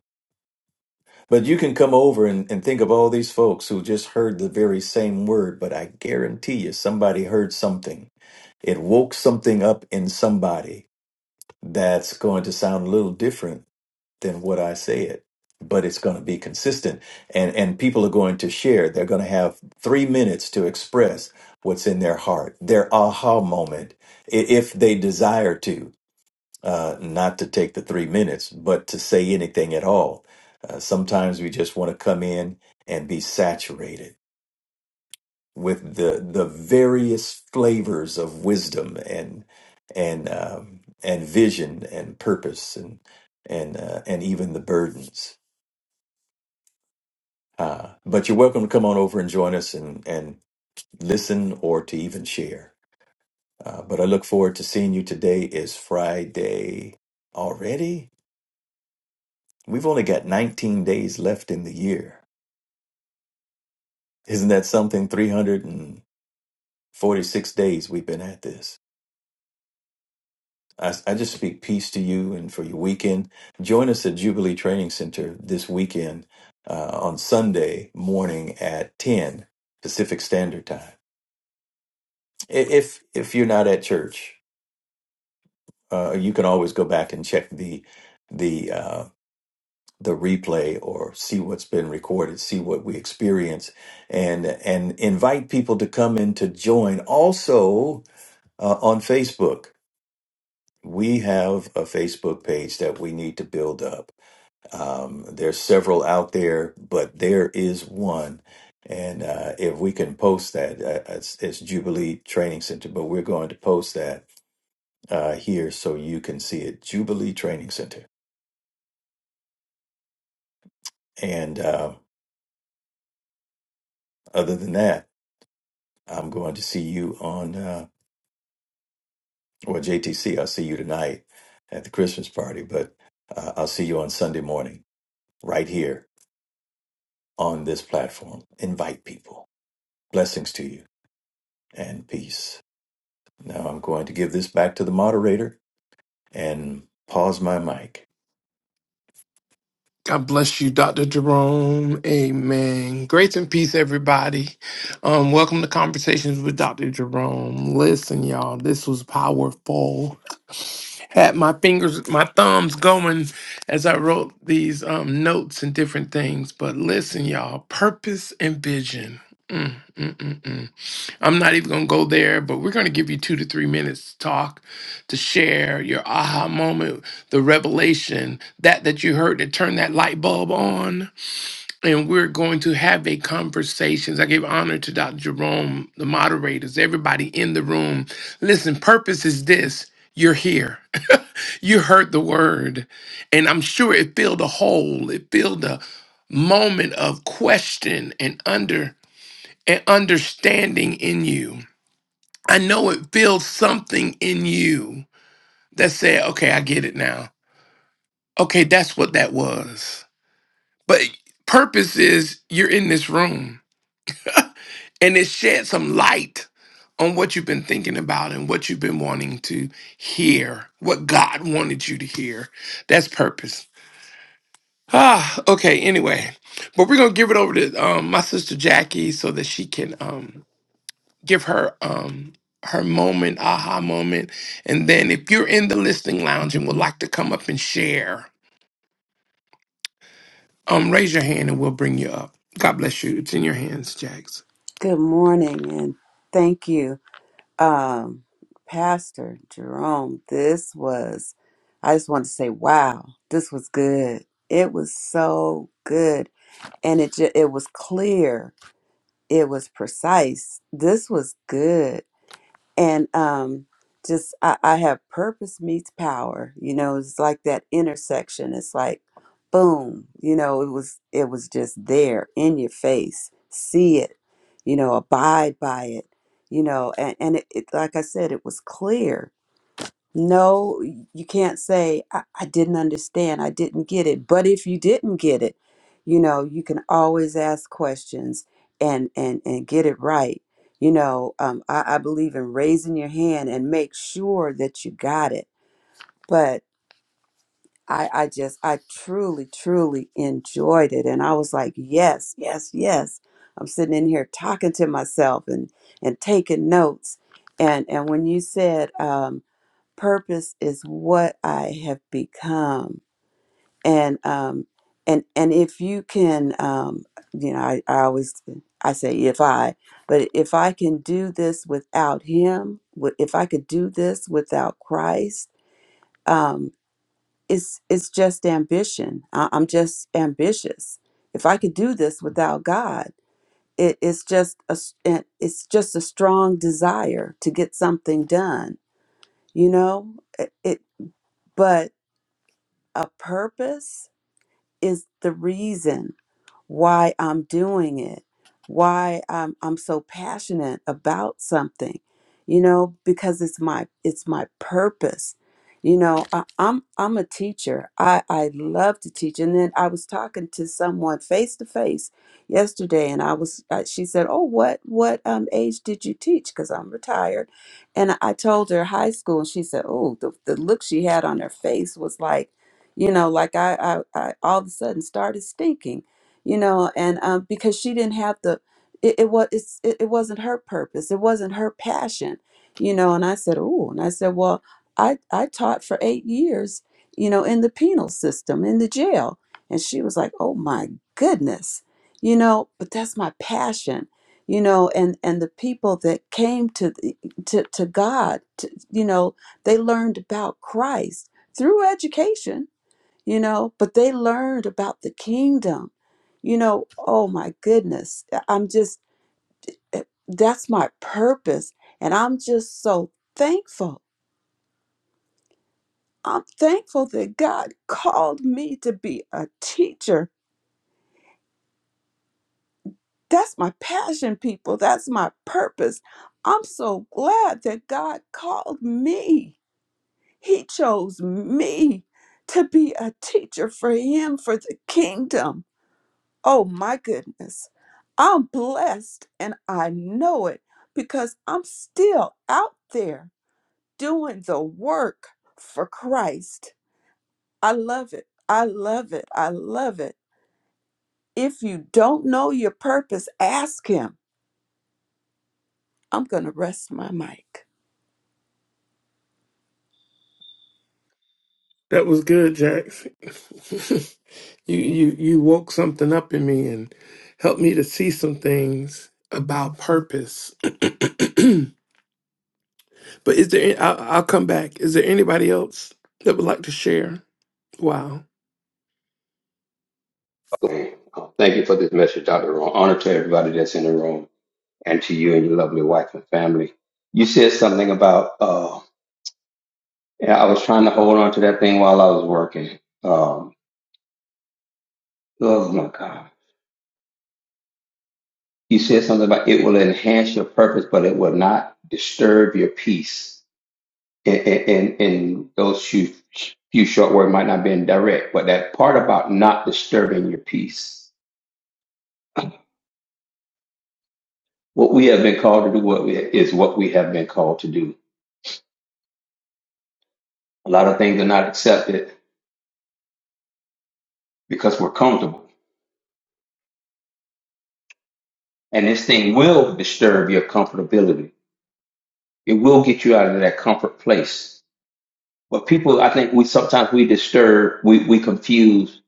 Speaker 4: but you can come over and, and think of all these folks who just heard the very same word, but I guarantee you somebody heard something. It woke something up in somebody that's going to sound a little different than what I said, but it's going to be consistent. And, and people are going to share. They're going to have three minutes to express what's in their heart, their aha moment, i- if they desire to, uh, not to take the three minutes, but to say anything at all. Uh, sometimes we just want to come in and be saturated with the the various flavors of wisdom and and um, and vision and purpose and and uh, and even the burdens Uh, but you're welcome to come on over and join us and, and listen or to even share. Uh, but I look forward to seeing you. Today is Friday already. We've only got 19 days left in the year. Isn't that something? 346 days we've been at this. I, I just speak peace to you and for your weekend. Join us at Jubilee Training Center this weekend uh, on Sunday morning at 10 Pacific Standard Time. I- If if you're not at church, uh, you can always go back and check the the uh, the replay or see what's been recorded, see what we experience, and and invite people to come in to join. Also uh, on Facebook, we have a Facebook page that we need to build up. Um, there's several out there, but there is one. And uh, if we can post that, uh, it's, it's Jubilee Training Center, but we're going to post that uh, here so you can see it. Jubilee Training Center And uh, other than that, I'm going to see you on, uh, well, JTC, I'll see you tonight at the Christmas party, but uh, I'll see you on Sunday morning right here on this platform. Invite people. Blessings to you and peace. Now I'm going to give this back to the moderator and pause my mic.
Speaker 1: God bless you, Dr. Jerome. Amen. Grace and peace, everybody. Um, welcome to Conversations with Dr. Jerome. Listen, y'all, this was powerful. Had my fingers, my thumbs going as I wrote these um, notes and different things. But listen, y'all, purpose and vision. Mm, mm, mm, mm. I'm not even going to go there, but we're going to give you two to three minutes to talk, to share your aha moment, the revelation, that that you heard that turned that light bulb on. And we're going to have a conversation. I give honor to Dr. Jerome, the moderators, everybody in the room. Listen, purpose is this. You're here. You heard the word. And I'm sure it filled a hole. It filled a moment of question and under and understanding in you. I know it feels something in you that said, okay, I get it now. Okay, that's what that was. But purpose is you're in this room and it shed some light on what you've been thinking about and what you've been wanting to hear, what God wanted you to hear. That's purpose. Ah, okay, anyway. But we're gonna give it over to um, my sister Jackie so that she can um, give her um her moment, aha moment. And then if you're in the listening lounge and would like to come up and share, um raise your hand and we'll bring you up. God bless you. It's in your hands, Jax.
Speaker 5: Good morning, and thank you, um, Pastor Jerome. This was, I just want to say, wow, this was good. It was so good, and it ju- it was clear. It was precise. This was good and um just I, I have purpose meets power you know it's like that intersection it's like boom you know it was it was just there in your face see it you know abide by it you know and, and it, it like i said it was clear no, you can't say, I, I didn't understand, I didn't get it. But if you didn't get it, you know, you can always ask questions and and and get it right. You know, um, I, I believe in raising your hand and make sure that you got it. But I, I just I truly, truly enjoyed it. And I was like, yes, yes, yes. I'm sitting in here talking to myself and and taking notes. And and when you said um purpose is what I have become. And um and and if you can um you know, I, I always I say if I, but if I can do this without him, wi- if I could do this without Christ, um it's it's just ambition. I, I'm just ambitious. If I could do this without God, it, it's just a s- it- it's just a strong desire to get something done. You know, it, it but A purpose is the reason why I'm doing it, why I'm I'm so passionate about something, you know, because it's my it's my purpose. You know, I, I'm I'm a teacher. I I love to teach. And then I was talking to someone face to face yesterday, and I was uh, she said, "Oh, what what um age did you teach?" Because I'm retired, and I told her high school, and she said, "Oh, the the look she had on her face was like." You know, like I, I, I all of a sudden started stinking you know and um, because she didn't have the it, it was it's, it, it wasn't her purpose it wasn't her passion you know and i said oh and i said well i i taught for eight years you know in the penal system in the jail and she was like oh my goodness you know but that's my passion you know and and the people that came to the, to, to god to, you know they learned about christ through education you know, but they learned about the kingdom. You know, oh my goodness, I'm just, eh, that's my purpose. And I'm just so thankful. I'm thankful that God called me to be a teacher. That's my passion, people. That's my purpose. I'm so glad that God called me. He chose me to be a teacher for Him, for the kingdom. Oh my goodness. I'm blessed and I know it because I'm still out there doing the work for Christ. I love it. I love it. I love it. If you don't know your purpose, ask Him. I'm going to rest my mic.
Speaker 1: That was good, Jax. you you you woke something up in me and helped me to see some things about purpose. but is there? I'll, I'll come back. Is there anybody else that would like to share? Wow.
Speaker 3: And, uh, Thank you for this message, Dr. Ron. Honor to everybody that's in the room and to you and your lovely wife and family. You said something about, uh, and I was trying to hold on to that thing while I was working. Um, oh my God. You said something about it will enhance your purpose, but it will not disturb your peace. And, and, and those few, few short words might not be direct, but that part about not disturbing your peace. What we have been called to do what we, is what we have been called to do A lot of things are not accepted because we're comfortable. And this thing will disturb your comfortability. It will get you out of that comfort place. But people, I think we sometimes we disturb, we, we confuse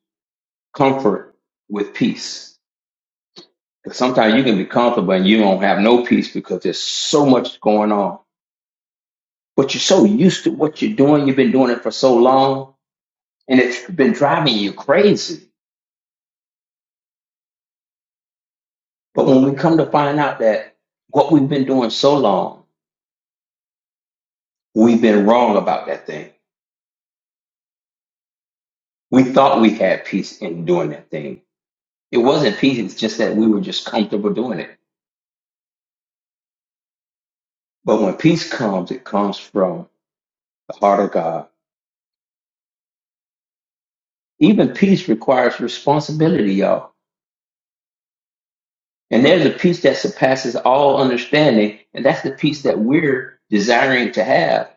Speaker 3: comfort with peace. Because sometimes you can be comfortable and you don't have no peace because there's so much going on. But you're so used to what you're doing. You've been doing it for so long and it's been driving you crazy. But when we come to find out that what we've been doing so long We've been wrong about that thing. We thought we had peace in doing that thing. It wasn't peace, it's just that we were just comfortable doing it. But when peace comes, it comes from the heart of God. Even peace requires responsibility, y'all. And there's a peace that surpasses all understanding, and that's the peace that we're desiring to have.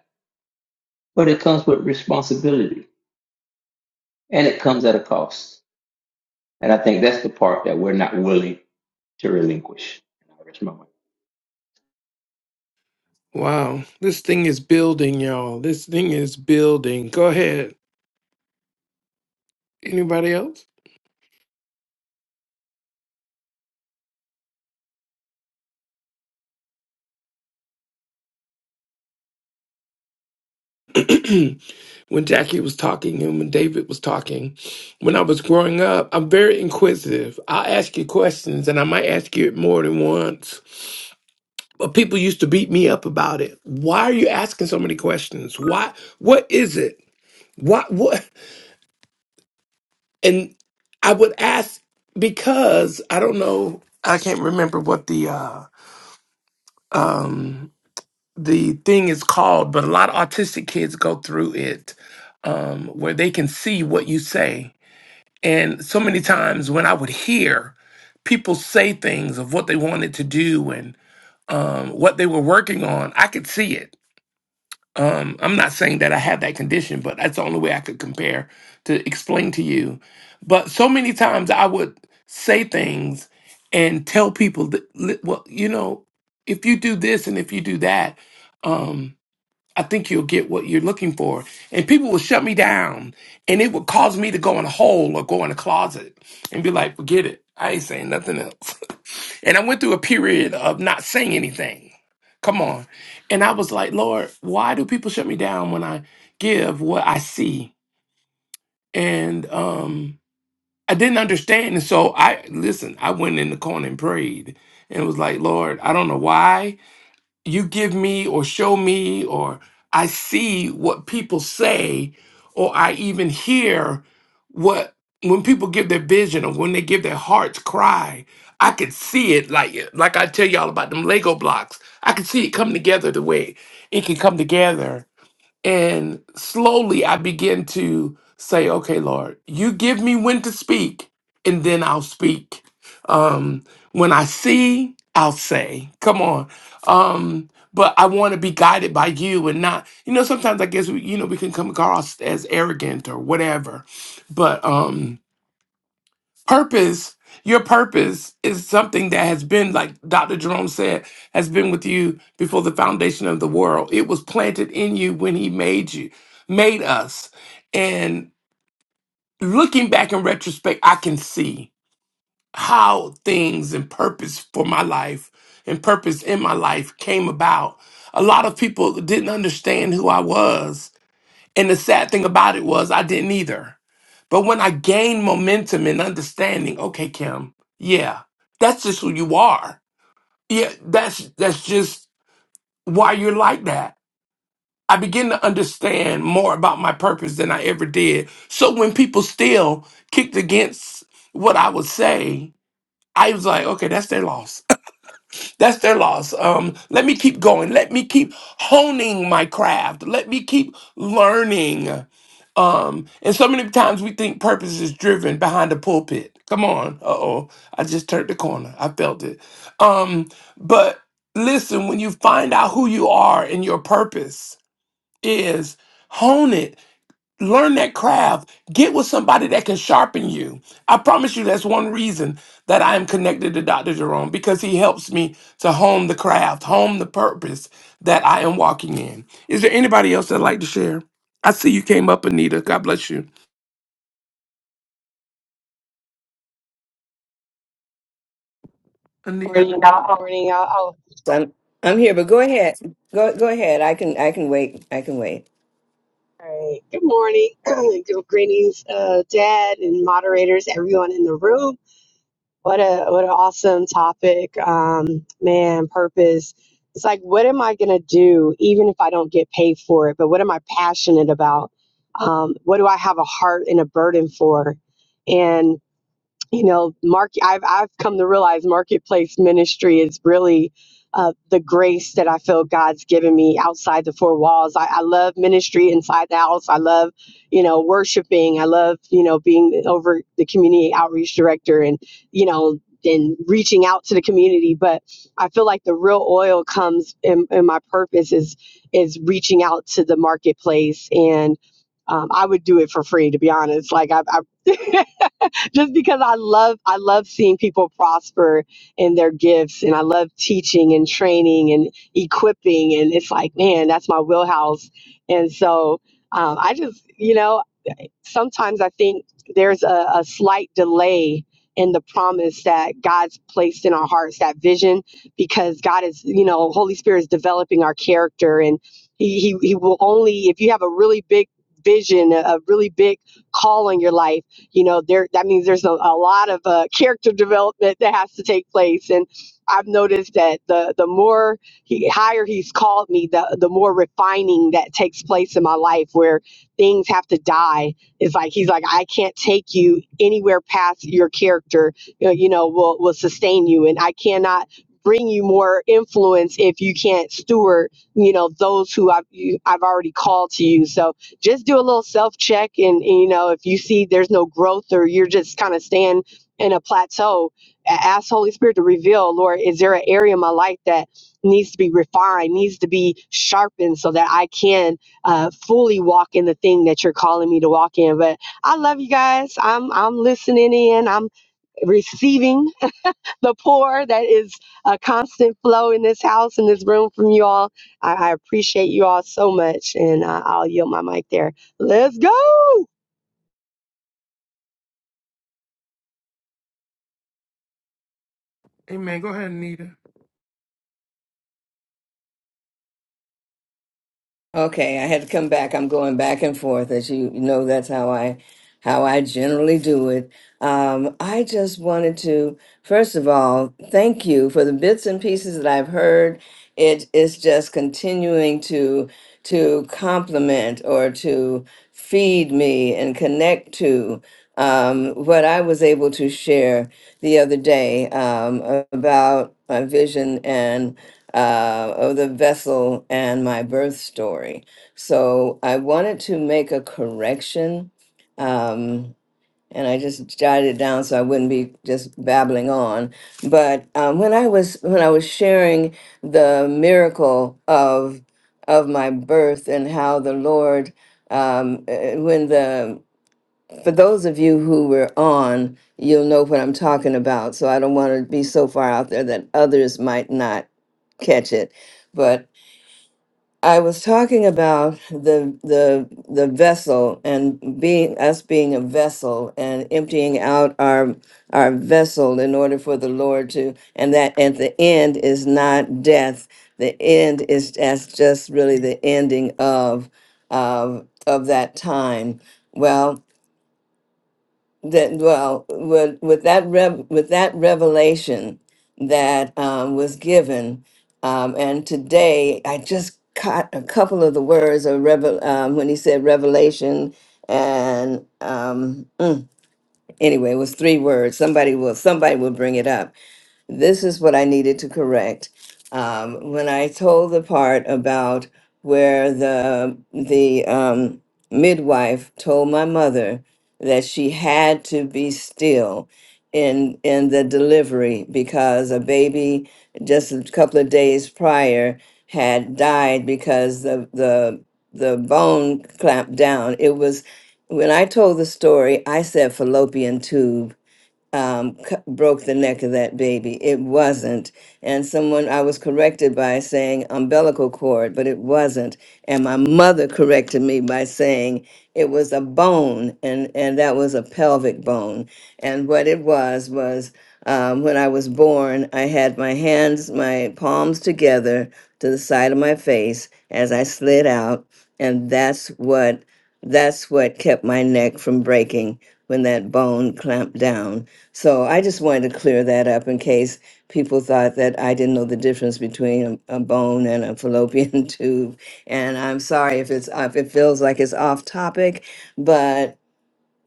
Speaker 3: But it comes with responsibility, and it comes at a cost. And I think that's the part that we're not willing to relinquish. Here
Speaker 1: Wow, this thing is building, y'all. This thing is building. Go ahead. Anybody else? when Jackie was talking and when David was talking, when I was growing up, I'm very inquisitive. I'll ask you questions and I might ask you it more than once. But people used to beat me up about it. Why are you asking so many questions? Why what is it? Why what and I would ask because I don't know I can't remember what the uh um the thing is called, but a lot of autistic kids go through it um, where they can see what you say. And so many times when I would hear people say things of what they wanted to do and um, what they were working on, I could see it. Um, I'm not saying that I have that condition, but that's the only way I could compare to explain to you. But so many times I would say things and tell people that, li- well, you know, if you do this and if you do that, um, I think you'll get what you're looking for. And people will shut me down and it would cause me to go in a hole or go in a closet and be like, forget it. I ain't saying nothing else. and I went through a period of not saying anything. Come on. And I was like, Lord, why do people shut me down when I give what I see? And um I didn't understand. And so I listen, I went in the corner and prayed and was like, Lord, I don't know why you give me or show me or I see what people say or I even hear what when people give their vision or when they give their heart's cry, I could see it like like I tell y'all about them Lego blocks. I could see it come together the way it can come together and slowly I begin to say, okay, Lord, you give me when to speak, and then I'll speak. Um, when I see, I'll say, come on. Um, but I want to be guided by you and not, you know, sometimes I guess, we, you know, we can come across as arrogant or whatever. But, um, purpose your purpose is something that has been like dr jerome said has been with you before the foundation of the world it was planted in you when he made you made us and looking back in retrospect i can see how things and purpose for my life and purpose in my life came about a lot of people didn't understand who i was and the sad thing about it was I didn't either. But when I gained momentum and understanding, okay, Kim, yeah, that's just who you are. Yeah, that's that's just why you're like that. I begin to understand more about my purpose than I ever did. So when people still kicked against what I would say, I was like, okay, that's their loss. That's their loss. Um, let me keep going. Let me keep honing my craft. Let me keep learning. Um, and so many times we think purpose is driven behind the pulpit. Come on. Uh oh. I just turned the corner. I felt it. Um, but listen, when you find out who you are and your purpose is, hone it learn that craft get with somebody that can sharpen you i promise you that's one reason that i am connected to dr jerome because he helps me to hone the craft hone the purpose that i am walking in is there anybody else that'd like to share i see you came up anita god bless you anita Praise God.
Speaker 6: Morning, y'all. Oh,
Speaker 7: I'm I'm here, but go ahead. Go go ahead. I can I can wait. I can wait.
Speaker 6: all right. Good morning. Good greetings, uh, Dad and moderators, everyone in the room. What a what an awesome topic, um, man. Purpose. It's like, what am I gonna do, even if I don't get paid for it? But what am I passionate about? Um, what do I have a heart and a burden for? And. you know, market. I've I've come to realize marketplace ministry is really uh, the grace that I feel God's given me outside the four walls. I, I love ministry inside the house. I love, you know, worshiping. I love, you know, being over the community outreach director and, you know, and reaching out to the community. But I feel like the real oil comes in, in my purpose is is reaching out to the marketplace and um, I would do it for free, to be honest. Like I, I just because I love I love seeing people prosper in their gifts and I love teaching and training and equipping and it's like man that's my wheelhouse and so um, I just you know sometimes I think there's a, a slight delay in the promise that God's placed in our hearts, that vision, because God is, you know, Holy Spirit is developing our character, and He He, he will only if you have a really big vision, a, a really big call on your life, you know, there that means there's a, a lot of uh, character development that has to take place, and I've noticed that the the more he, higher He's called me, the the more refining that takes place in my life, where things have to die it's like he's like, I can't take you anywhere past your character. uh, You know, will will sustain you, and I cannot bring you more influence if you can't steward. You know, those who I've you, I've already called to you. So just do a little self check, and, and you know, if you see there's no growth or you're just kind of staying in a plateau, a- ask Holy Spirit to reveal, Lord, is there an area in my life that needs to be refined, needs to be sharpened so that I can uh, fully walk in the thing that you're calling me to walk in. But I love you guys. I'm I'm listening in. I'm receiving the pour that is a constant flow in this house in this room from you all. I, I appreciate you all so much, and uh, I'll yield my mic there. Let's go.
Speaker 1: amen go ahead anita
Speaker 7: Okay, I had to come back. I'm going back and forth, as you know. That's how I, how I generally do it. Um, I just wanted to, first of all, thank you for the bits and pieces that I've heard. It is just continuing to to complement or to feed me and connect to um, what I was able to share the other day um, about my vision uh, of the vessel and my birth story. So I wanted to make a correction, um, and I just jotted it down so I wouldn't be just babbling on. But um, when I was when I was sharing the miracle of of my birth and how the Lord. Um, eh, when the for those of you who were on, you'll know what I'm talking about. So I don't want to be so far out there that others might not catch it. But I was talking about the the the vessel and being us being a vessel and emptying out our our vessel in order for the Lord to and that at the end is not death. The end is that's just really the ending of of of that time. Well, that well with with that rev with that revelation that um, was given um, and today i just caught a couple of the words of revel um, when he said revelation and um, mm, anyway it was three words somebody will somebody will bring it up this is what I needed to correct. Um, when I told the part about where the the um, midwife told my mother that she had to be still in in the delivery because a baby just a couple of days prior had died because the the the bone clamped down. It was when I told the story, I said fallopian tube um, c- broke the neck of that baby. It wasn't. And someone, I was corrected by saying umbilical cord, but it wasn't. And my mother corrected me by saying it was a bone, and, and that was a pelvic bone. And what it was was um, when I was born, I had my hands, my palms together to the side of my face as I slid out. And that's what that's what kept my neck from breaking when that bone clamped down. So I just wanted to clear that up in case people thought that I didn't know the difference between a, a bone and a fallopian tube. And I'm sorry if it's if it feels like it's off topic, but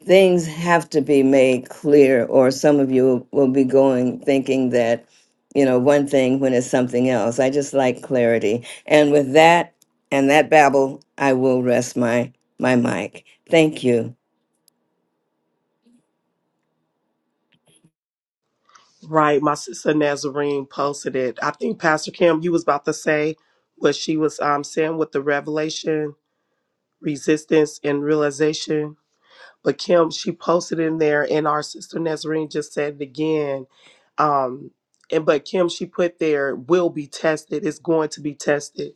Speaker 7: things have to be made clear, or some of you will be going thinking that, you know, one thing when it's something else. I just like clarity. And with that and that babble, I will rest my my mic. Thank you.
Speaker 2: Right. My sister Nazarene posted it. I think Pastor Kim, you was about to say what she was um saying with the revelation, resistance, and realization. But Kim, she posted in there, and our sister Nazarene just said it again. Um, and but Kim, she put there will be tested. It's going to be tested,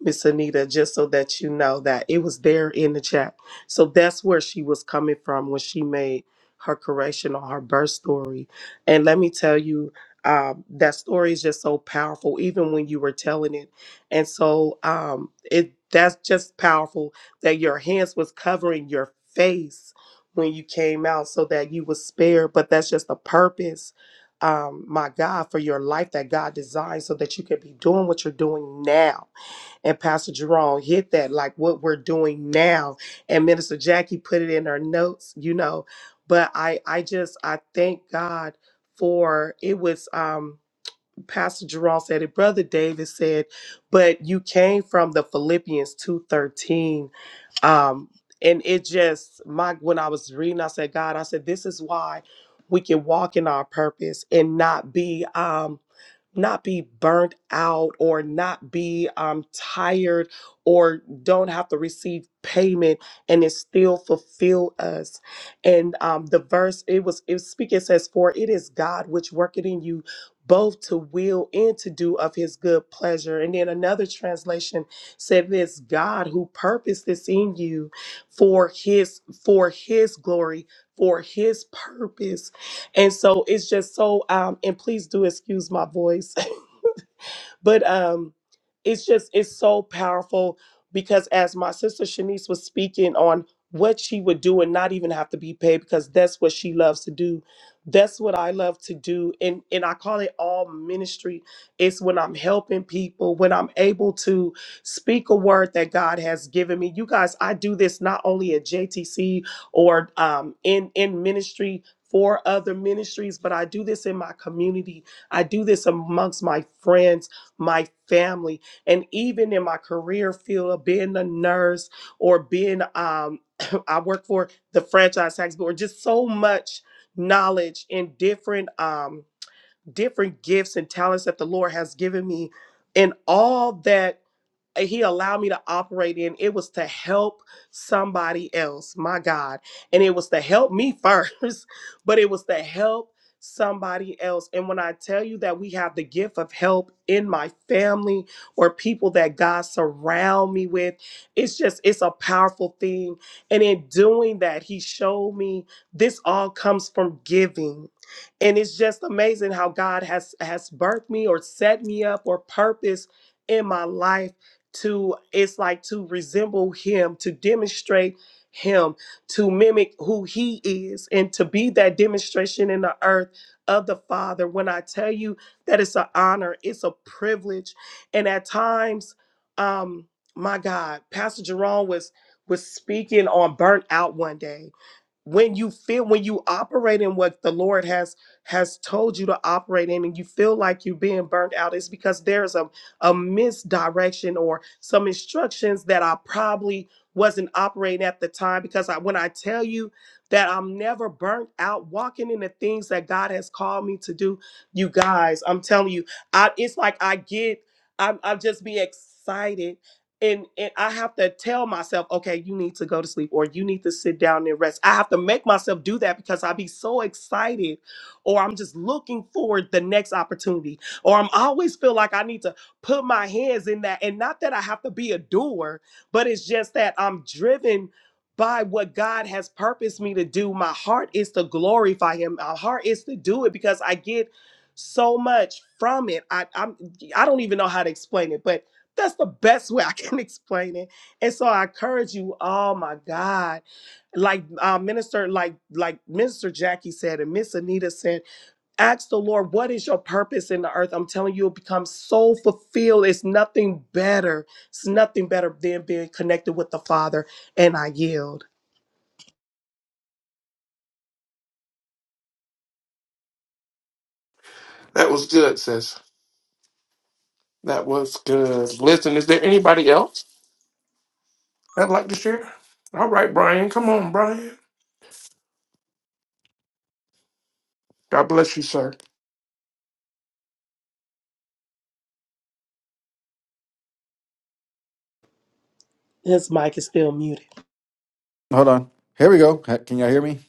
Speaker 2: Miss Anita, just so that you know that it was there in the chat. So that's where she was coming from when she made her correction on her birth story. And let me tell you, um, that story is just so powerful, even when you were telling it. And so um, it that's just powerful that your hands was covering your face when you came out so that you was spared but that's just the purpose um my god for your life that god designed so that you could be doing what you're doing now and pastor jerome hit that like what we're doing now and minister jackie put it in her notes you know but i i just i thank god for it was um pastor jerome said it brother david said but you came from the philippians 2:13 um and it just my when i was reading i said god i said this is why we can walk in our purpose and not be um not be burnt out or not be um, tired or don't have to receive payment and it still fulfill us and um, the verse it was it was speaking it says for it is god which worketh in you both to will and to do of his good pleasure and then another translation said this god who purposed this in you for his for his glory for his purpose and so it's just so um and please do excuse my voice. but um it's just it's so powerful because as my sister Shanice was speaking on what she would do and not even have to be paid because that's what she loves to do. That's what I love to do. And and I call it all ministry. It's when I'm helping people, when I'm able to speak a word that God has given me. You guys, I do this not only at JTC or um in in ministry for other ministries, but I do this in my community. I do this amongst my friends my family and even in my career field of being a nurse or being um I work for the franchise tax board just so much knowledge and different um different gifts and talents that the Lord has given me and all that uh, he allowed me to operate in it was to help somebody else my god and it was to help me first but it was to help somebody else and when i tell you that we have the gift of help in my family or people that god surround me with it's just it's a powerful thing and in doing that he showed me this all comes from giving and it's just amazing how god has has birthed me or set me up or purpose in my life to it's like to resemble him to demonstrate him to mimic who he is and to be that demonstration in the earth of the father when i tell you that it's an honor it's a privilege and at times um my god pastor jerome was was speaking on burnout one day when you feel when you operate in what the lord has has told you to operate in and you feel like you're being burnt out it's because there's a, a misdirection or some instructions that i probably wasn't operating at the time because I, when i tell you that i'm never burnt out walking in the things that god has called me to do you guys i'm telling you I, it's like i get i'm, I'm just be excited and and I have to tell myself, okay, you need to go to sleep or you need to sit down and rest. I have to make myself do that because I be so excited or I'm just looking forward the next opportunity or I'm always feel like I need to put my hands in that and not that I have to be a doer, but it's just that I'm driven by what God has purposed me to do. My heart is to glorify him. My heart is to do it because I get so much from it. I I'm I don't even know how to explain it, but that's the best way I can explain it. And so I encourage you, oh my God. Like uh, minister, like like Minister Jackie said, and Miss Anita said, ask the Lord, what is your purpose in the earth? I'm telling you, you'll become so fulfilled. It's nothing better. It's nothing better than being connected with the Father. And I yield.
Speaker 1: that was good sis that was good listen is there anybody else that'd like to share all right brian come on brian god bless you sir
Speaker 2: His mic is still muted.
Speaker 8: Hold on. Here we go. Ha- Can y'all hear me?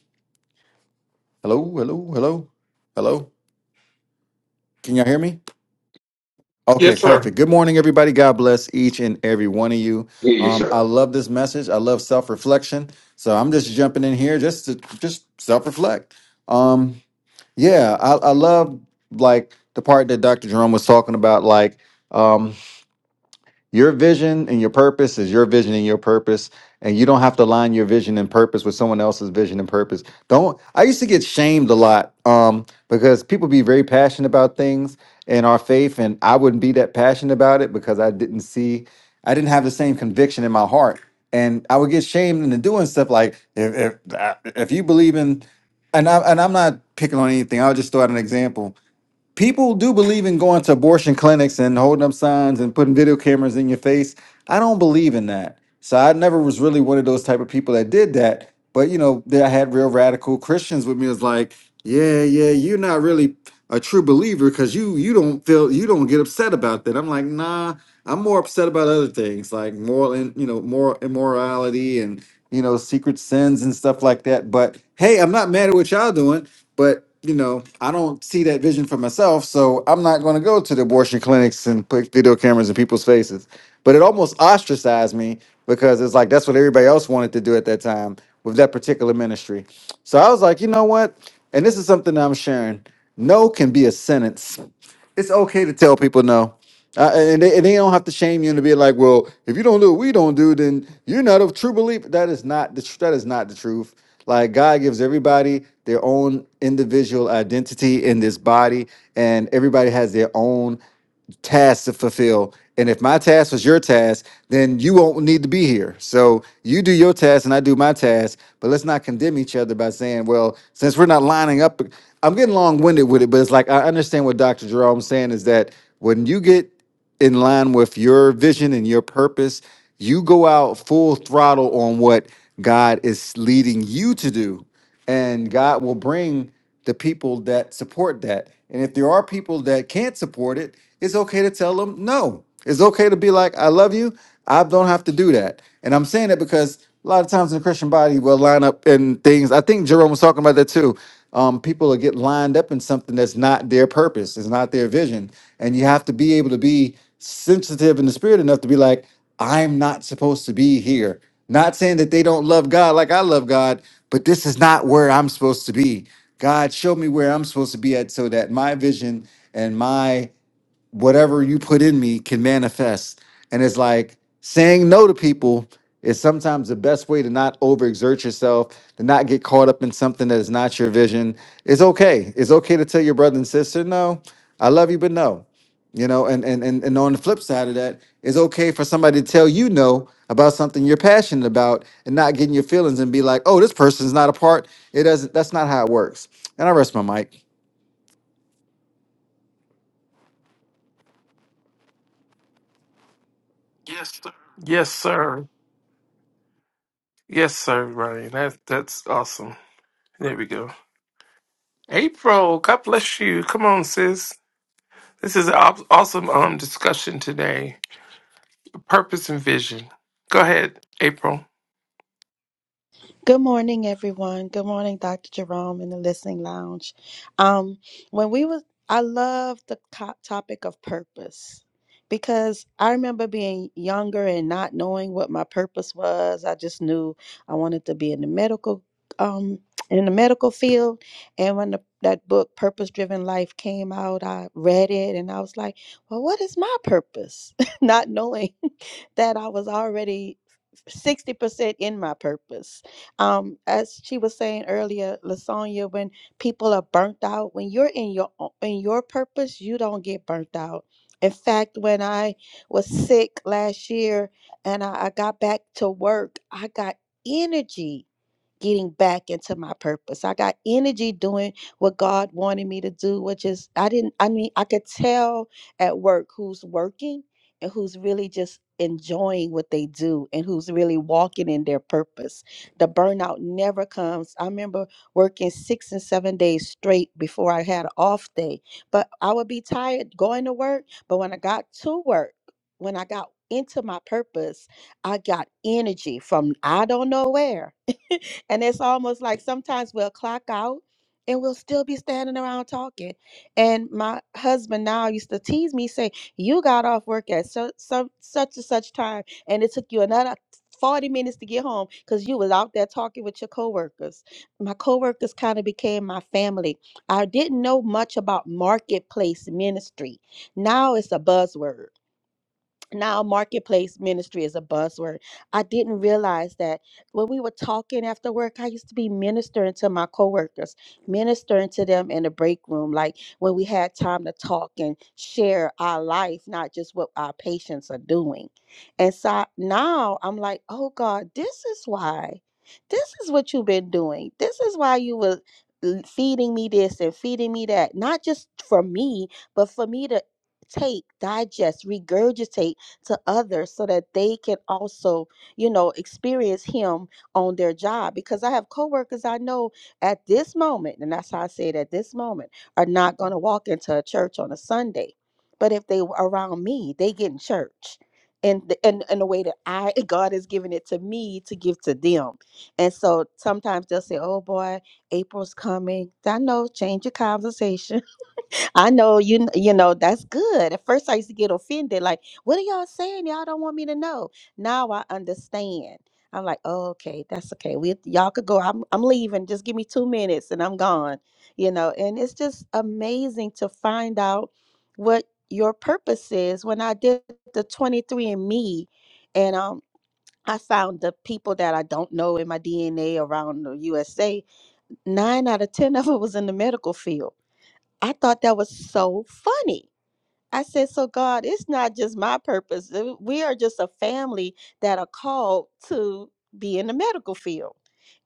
Speaker 8: Hello, hello, hello, hello. Can y'all hear me? Okay,
Speaker 1: yes sir
Speaker 8: perfect. Good morning, everybody. God bless each and every one of you.
Speaker 3: you,
Speaker 8: Um, I
Speaker 3: sir.
Speaker 8: love this message. I love self reflection. So I'm just jumping in here just to just self reflect. Um, yeah, I, I love like the part that Dr. Jerome was talking about, like um, Your vision and your purpose is your vision and your purpose, and you don't have to align your vision and purpose with someone else's vision and purpose. Don't. I used to get shamed a lot um, because people be very passionate about things and our faith, and I wouldn't be that passionate about it because I didn't see, I didn't have the same conviction in my heart, and I would get shamed into doing stuff like if if if you believe in, and I and I'm not picking on anything. I'll just throw out an example people do believe in going to abortion clinics and holding up signs and putting video cameras in your face. I don't believe in that. So I never was really one of those type of people that did that. But you know, then I had real radical Christians with me. It was like, yeah, yeah, you're not really a true believer because you you don't feel you don't get upset about that. I'm like, nah, I'm more upset about other things like moral and you know moral immorality and you know secret sins and stuff like that. But hey, I'm not mad at what y'all doing, but you know I don't see that vision for myself, so I'm not going to go to the abortion clinics and put video cameras in people's faces. But it almost ostracized me because it's like that's what everybody else wanted to do at that time with that particular ministry. So I was like, you know what? And this is something that I'm sharing. No can be a sentence. It's okay to tell people no uh, and they and they don't have to shame you and be like, well, if you don't do what we don't do, then you're not a true believer. That is not the tr- that is not the truth. Like God gives everybody their own individual identity in this body, and everybody has their own task to fulfill. And if my task was your task, then you won't need to be here. So you do your task and I do my task. But let's not condemn each other by saying, well, since we're not lining up, I'm getting long winded with it. But it's like I understand what Dr. Jerome's saying is that when you get in line with your vision and your purpose, you go out full throttle on what God is leading you to do. And God will bring the people that support that. And if there are people that can't support it, it's okay to tell them no. It's okay to be like, I love you. I don't have to do that. And I'm saying that because a lot of times in the Christian body will line up in things. I think Jerome was talking about that too. Um, people will get lined up in something that's not their purpose, it's not their vision. And you have to be able to be sensitive in the spirit enough to be like, I'm not supposed to be here. Not saying that they don't love God like I love God, but this is not where I'm supposed to be. God, show me where I'm supposed to be at so that my vision and my whatever you put in me can manifest. And it's like saying no to people is sometimes the best way to not overexert yourself, to not get caught up in something that is not your vision. It's okay. It's okay to tell your brother and sister, no, I love you, but no. You know, and and and, and on the flip side of that, it's okay for somebody to tell you no about something you're passionate about and not getting your feelings and be like, oh, this person's not a part. It doesn't that's not how it works. And I rest my mic.
Speaker 1: yes sir Yes, sir, Ryan. That that's awesome. There we go. April, God bless you. Come on, sis. This is an aw- awesome um discussion today. Purpose and vision. Go ahead, April.
Speaker 9: Good morning, everyone. Good morning, Dr. Jerome in the listening lounge. Um, when we was, I love the co- topic of purpose because I remember being younger and not knowing what my purpose was. I just knew I wanted to be in the medical, um, in the medical field. And when the, that book, Purpose Driven Life, came out, I read it and I was like, "Well, what is my purpose?" not knowing that I was already sixty percent in my purpose um, as she was saying earlier, Lasonya, when people are burnt out, when you're in your o- in your purpose, you don't get burnt out. In fact, when I was sick last year and I, I got back to work, I got energy getting back into my purpose. I got energy doing what God wanted me to do, which is I didn't I mean I could tell at work who's working and who's really just enjoying what they do and who's really walking in their purpose. The burnout never comes. I remember working 6 and 7 days straight before I had an off day, but I would be tired going to work, but when I got to work, when I got into my purpose, I got energy from I don't know where and it's almost like sometimes we'll clock out and we'll still be standing around talking. And my husband now used to tease me, say, You got off work at so, so, such and such time, and it took you another 40 minutes to get home because you was out there talking with your coworkers. My coworkers kind of became my family. I didn't know much about marketplace ministry. Now it's a buzzword now marketplace ministry is a buzzword. I didn't realize that when we were talking after work, I used to be ministering to my coworkers, ministering to them in the break room, like when we had time to talk and share our life, not just what our patients are doing. And so now I'm like, oh God, this is why. This is what you've been doing. This is why you were l- feeding me this and feeding me that, not just for me, but for me to take, digest, regurgitate to others so that they can also, you know, experience him on their job. Because I have coworkers I know at this moment, and that's how I say it at this moment, are not going to walk into a church on a Sunday. But if they were around me, they get in church. And the, and, and the way that I God has given it to me to give to them. And so sometimes they'll say, Oh boy, April's coming. I know, change your conversation. I know you kn- you know that's good. At first I used to get offended like what are y'all saying? Y'all don't want me to know. Now I understand. I'm like, oh, okay, that's okay. We y'all could go. I'm I'm leaving. Just give me 2 minutes and I'm gone. You know, and it's just amazing to find out what your purpose is. When I did the 23 and Me, and um I found the people that I don't know in my DNA around the USA, 9 out of 10 of it was in the medical field I thought that was so funny. I said, So, God, it's not just my purpose. Uh, We are just a family that are called to be in the medical field.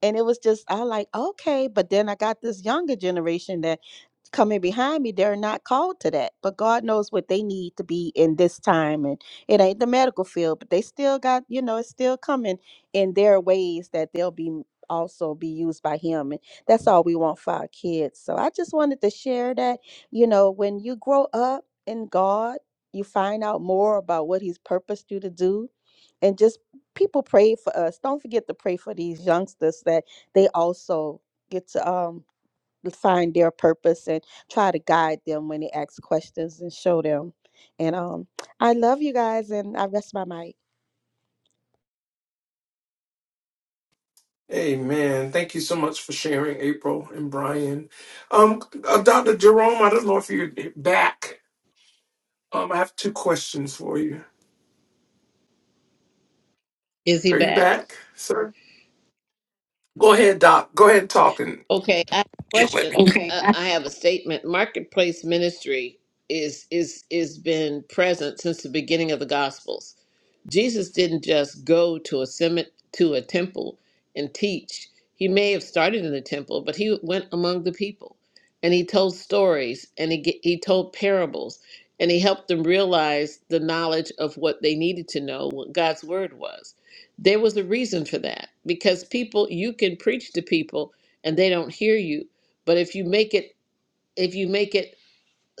Speaker 9: And it was just, I like, okay. But then I got this younger generation that coming behind me, they're not called to that. But God knows what they need to be in this time. And it ain't the medical field, but they still got, you know, it's still coming in their ways that they'll be also be used by him and that's all we want for our kids so i just wanted to share that you know when you grow up in god you find out more about what he's purposed you to do and just people pray for us don't forget to pray for these youngsters that they also get to um find their purpose and try to guide them when they ask questions and show them. And um, I love you guys, and I rest my mic.
Speaker 1: Amen. Thank you so much for sharing, April and Brian. Um, uh, Dr. Jerome, I don't know if you're back. Um, I have two questions for you.
Speaker 10: Is he
Speaker 1: Are you
Speaker 10: back?
Speaker 1: back, sir? Go ahead, Doc. Go ahead and talk and
Speaker 10: Okay, I have a
Speaker 1: get with
Speaker 10: question.
Speaker 1: me. Okay.
Speaker 10: Uh, I have a statement. Marketplace ministry is is is been present since the beginning of the Gospels. Jesus didn't just go to a cement to a temple and teach. He may have started in the temple, but he went among the people, and he told stories, and he ge- he told parables, and he helped them realize the knowledge of what they needed to know, what God's word was. There was a reason for that because people you can preach to people and they don't hear you, but if you make it if you make it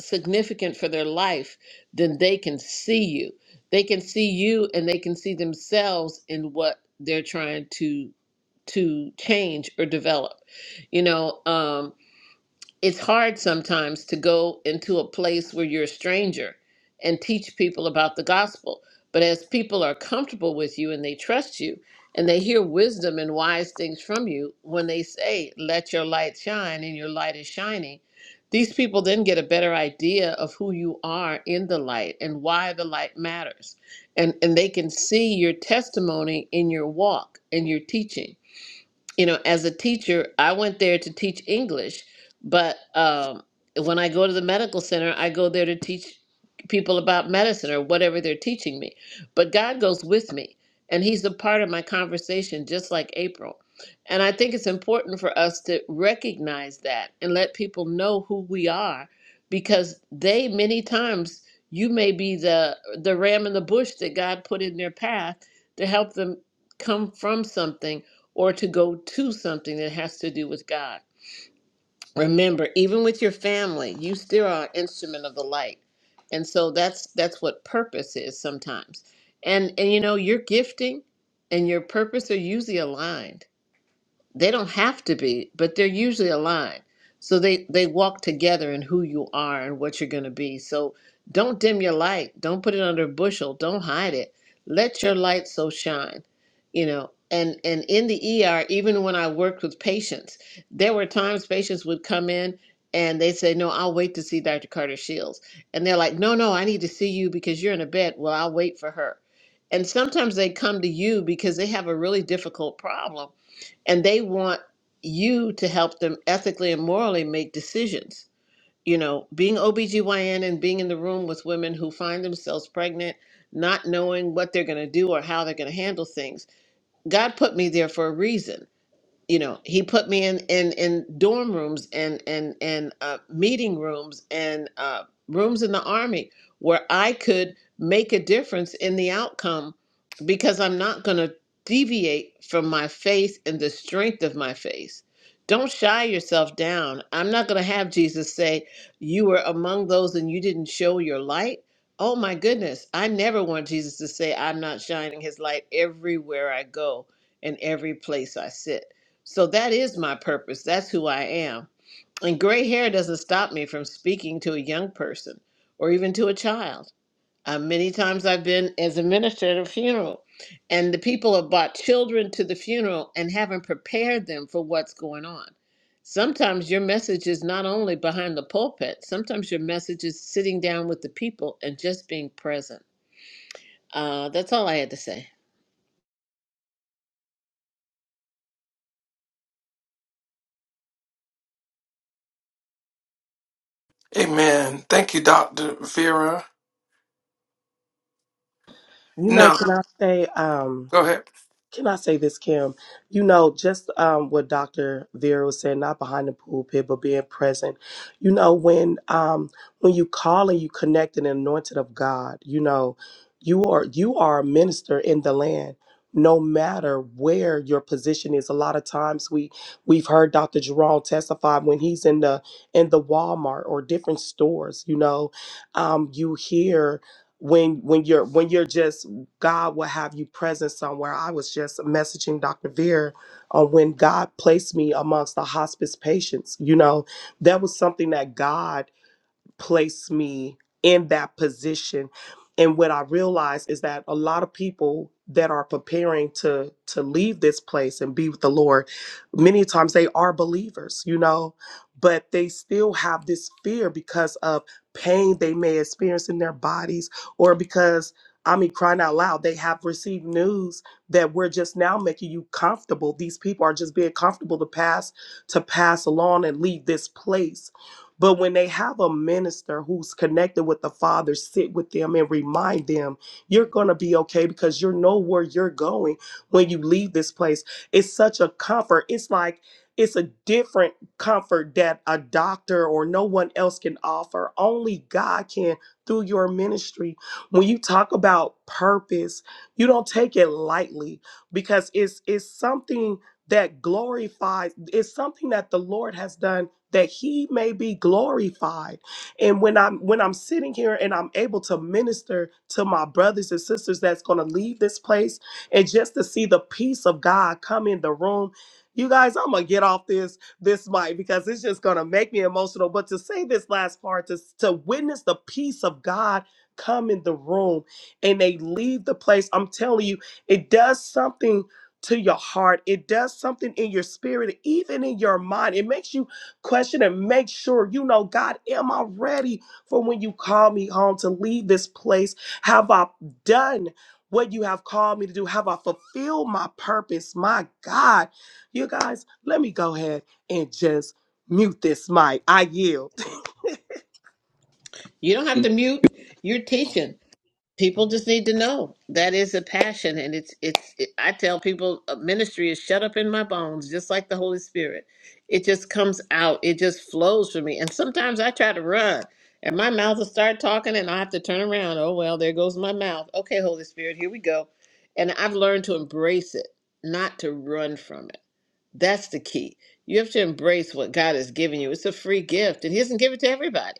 Speaker 10: significant for their life, then they can see you. They can see you and they can see themselves in what they're trying to to change or develop. You know, um, it's hard sometimes to go into a place where you're a stranger and teach people about the gospel. But as people are comfortable with you and they trust you and they hear wisdom and wise things from you, when they say, Let your light shine, and your light is shining, these people then get a better idea of who you are in the light and why the light matters. And, and they can see your testimony in your walk and your teaching you know, as a teacher, I went there to teach English, but um, when I go to the medical center, I go there to teach people about medicine or whatever they're teaching me. But God goes with me, and He's a part of my conversation, just like April. And I think it's important for us to recognize that and let people know who we are, because they many times you may be the the ram in the bush that God put in their path to help them come from something or to go to something that has to do with God. Remember, even with your family, you still are an instrument of the light. And so that's that's what purpose is sometimes. And and you know, your gifting and your purpose are usually aligned they don't have to be, but they're usually aligned. So they they walk together in who you are and what you're going to be. So don't dim your light. Don't put it under a bushel. Don't hide it. Let your light so shine. You know, and and in the ER, even when I worked with patients, there were times patients would come in and they say, "No, I'll wait to see Dr. Carter Shields," and they're like, "No, no, I need to see you because you're in a bed. Well, I'll wait for her." And sometimes they come to you because they have a really difficult problem and they want you to help them ethically and morally make decisions. You know, being OBGYN and being in the room with women who find themselves pregnant, not knowing what they're going to do or how they're going to handle things. God put me there for a reason you know he put me in in in dorm rooms and and and uh, meeting rooms and uh, rooms in the army where i could make a difference in the outcome because i'm not going to deviate from my faith and the strength of my faith don't shy yourself down i'm not going to have jesus say you were among those and you didn't show your light oh my goodness i never want jesus to say i'm not shining his light everywhere i go and every place i sit so that is my purpose. That's who I am. And gray hair doesn't stop me from speaking to a young person or even to a child. Uh, many times I've been as a minister at a funeral, and the people have brought children to the funeral and haven't prepared them for what's going on. Sometimes your message is not only behind the pulpit, sometimes your message is sitting down with the people and just being present. Uh, that's all I had to say.
Speaker 1: Amen. Thank you, Dr. Vera.
Speaker 2: You know,
Speaker 1: No,
Speaker 2: can I say, um,
Speaker 1: go ahead.
Speaker 2: Can I say this, Kim? You know, just um, what Dr. Vera was saying, not behind the pulpit, but being present. You know, when um, when you call and you connect and anointed of God, you know, you are you are a minister in the land. No matter where your position is, a lot of times we we've heard Dr. Jerome testify when he's in the in the Walmart or different stores. You know, um, you hear when when you're when you're just God will have you present somewhere. I was just messaging Dr. Veer on when God placed me amongst the hospice patients. You know, that was something that God place me in that position and what i realize is that a lot of people that are preparing to to leave this place and be with the lord many times they are believers you know but they still have this fear because of pain they may experience in their bodies or because i mean crying out loud they have received news that we're just now making you comfortable these people are just being comfortable to pass to pass along and leave this place but when they have a minister who's connected with the Father, sit with them and remind them, you're going to be okay because you know where you're going when you leave this place. It's such a comfort. It's like, it's a different comfort that a doctor or no one else can offer. Only God can through your ministry. When you talk about purpose, you don't take it lightly because it's it's something that glorifies, it's something that the Lord has done that he may be glorified. And when I'm when I'm sitting here and I'm able to minister to my brothers and sisters that's going to leave this place and just to see the peace of God come in the room. You guys, I'm going to get off this this mic because it's just going to make me emotional, but to say this last part to to witness the peace of God come in the room and they leave the place, I'm telling you, it does something to your heart. It does something in your spirit, even in your mind. It makes you Question and make sure you know, God, am I ready for when you call me home to leave this place? Have I done what you have called me to do? Have I fulfilled my purpose? My God, you guys, let me go ahead and just mute this mic. I yield.
Speaker 10: You don't have to mute, you're teaching. people just need to know that is a passion and it's it's it, i tell people uh, ministry is shut up in my bones just like the holy spirit it just comes out it just flows for me and sometimes i try to run and my mouth will start talking and i have to turn around oh well there goes my mouth okay holy spirit here we go and i've learned to embrace it not to run from it that's the key you have to embrace what god has given you it's a free gift and he doesn't give it to everybody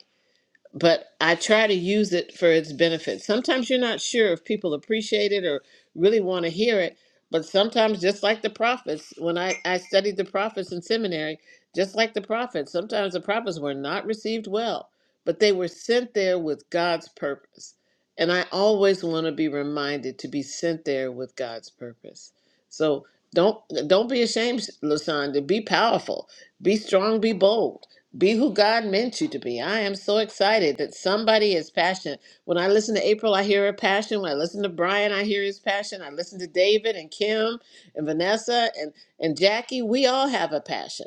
Speaker 10: but I try to use it for its benefit. Sometimes you're not sure if people appreciate it or really want to hear it, but sometimes, just like the prophets, when I, I studied the prophets in seminary, just like the prophets, sometimes the prophets were not received well, but they were sent there with God's purpose. And I always want to be reminded to be sent there with God's purpose. So don't don't be ashamed, Lasanda. Be powerful be strong, be bold. Be who God meant you to be. I am so excited that somebody is passionate. When I listen to April, I hear her passion. When I listen to Brian, I hear his passion. I listen to David and Kim and Vanessa and, and Jackie. We all have a passion.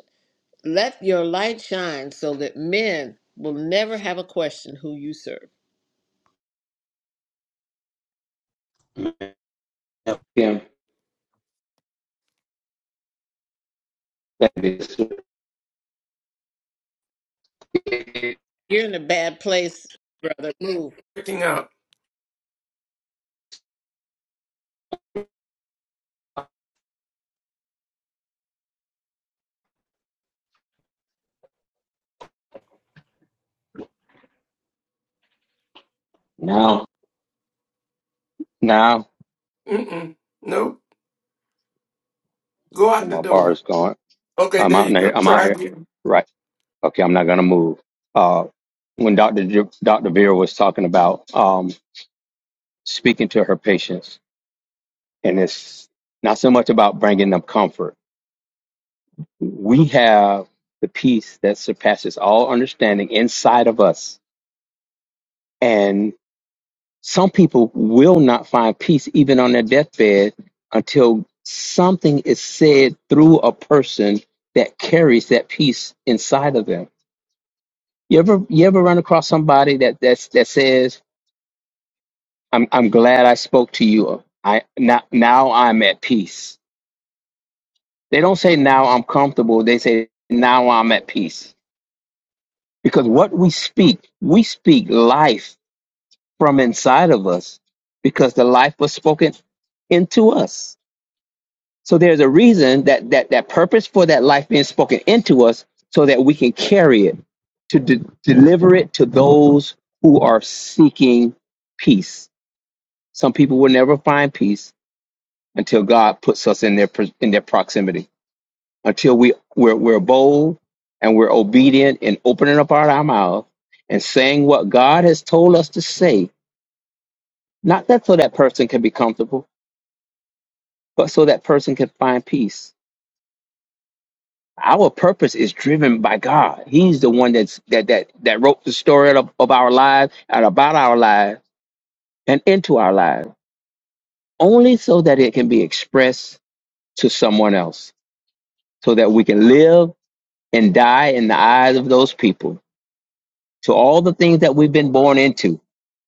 Speaker 10: Let your light shine so that men will never have a question who you serve.
Speaker 3: Kim, That is
Speaker 10: You're in a bad place, brother. Move.
Speaker 1: Picking up.
Speaker 3: now, now
Speaker 1: Mm-mm. Nope. Go
Speaker 3: oh,
Speaker 1: out the
Speaker 3: my bar is
Speaker 1: door.
Speaker 3: going.
Speaker 1: Okay,
Speaker 3: I'm
Speaker 1: there
Speaker 3: out
Speaker 1: you
Speaker 3: here.
Speaker 1: go.
Speaker 3: I'm out
Speaker 1: Try
Speaker 3: here.
Speaker 1: again.
Speaker 3: Right. Okay. I'm not gonna move. Uh, when Doctor Ju- Doctor Vera was talking about um speaking to her patients, and it's not so much about bringing them comfort. We have the peace that surpasses all understanding inside of us, and. Some people will not find peace even on their deathbed until something is said through a person that carries that peace inside of them. You ever you ever run across somebody that that's, that says, "I'm I'm glad I spoke to you. I now now I'm at peace." They don't say now I'm comfortable. They say now I'm at peace because what we speak, we speak life from inside of us because the life was spoken into us. So there's a reason that that that purpose for that life being spoken into us, so that we can carry it to de- deliver it to those who are seeking peace. Some people will never find peace until God puts us in their pr- in their proximity. Until we we're, we're bold and we're obedient in opening up our, our mouth and saying what God has told us to say. Not that so that person can be comfortable, but so that person can find peace Our purpose is driven by God. He's the one that's that that that wrote the story of, of our lives and about our lives and into our lives, only so that it can be expressed to someone else, so that we can live and die in the eyes of those people. To all the things that we've been born into,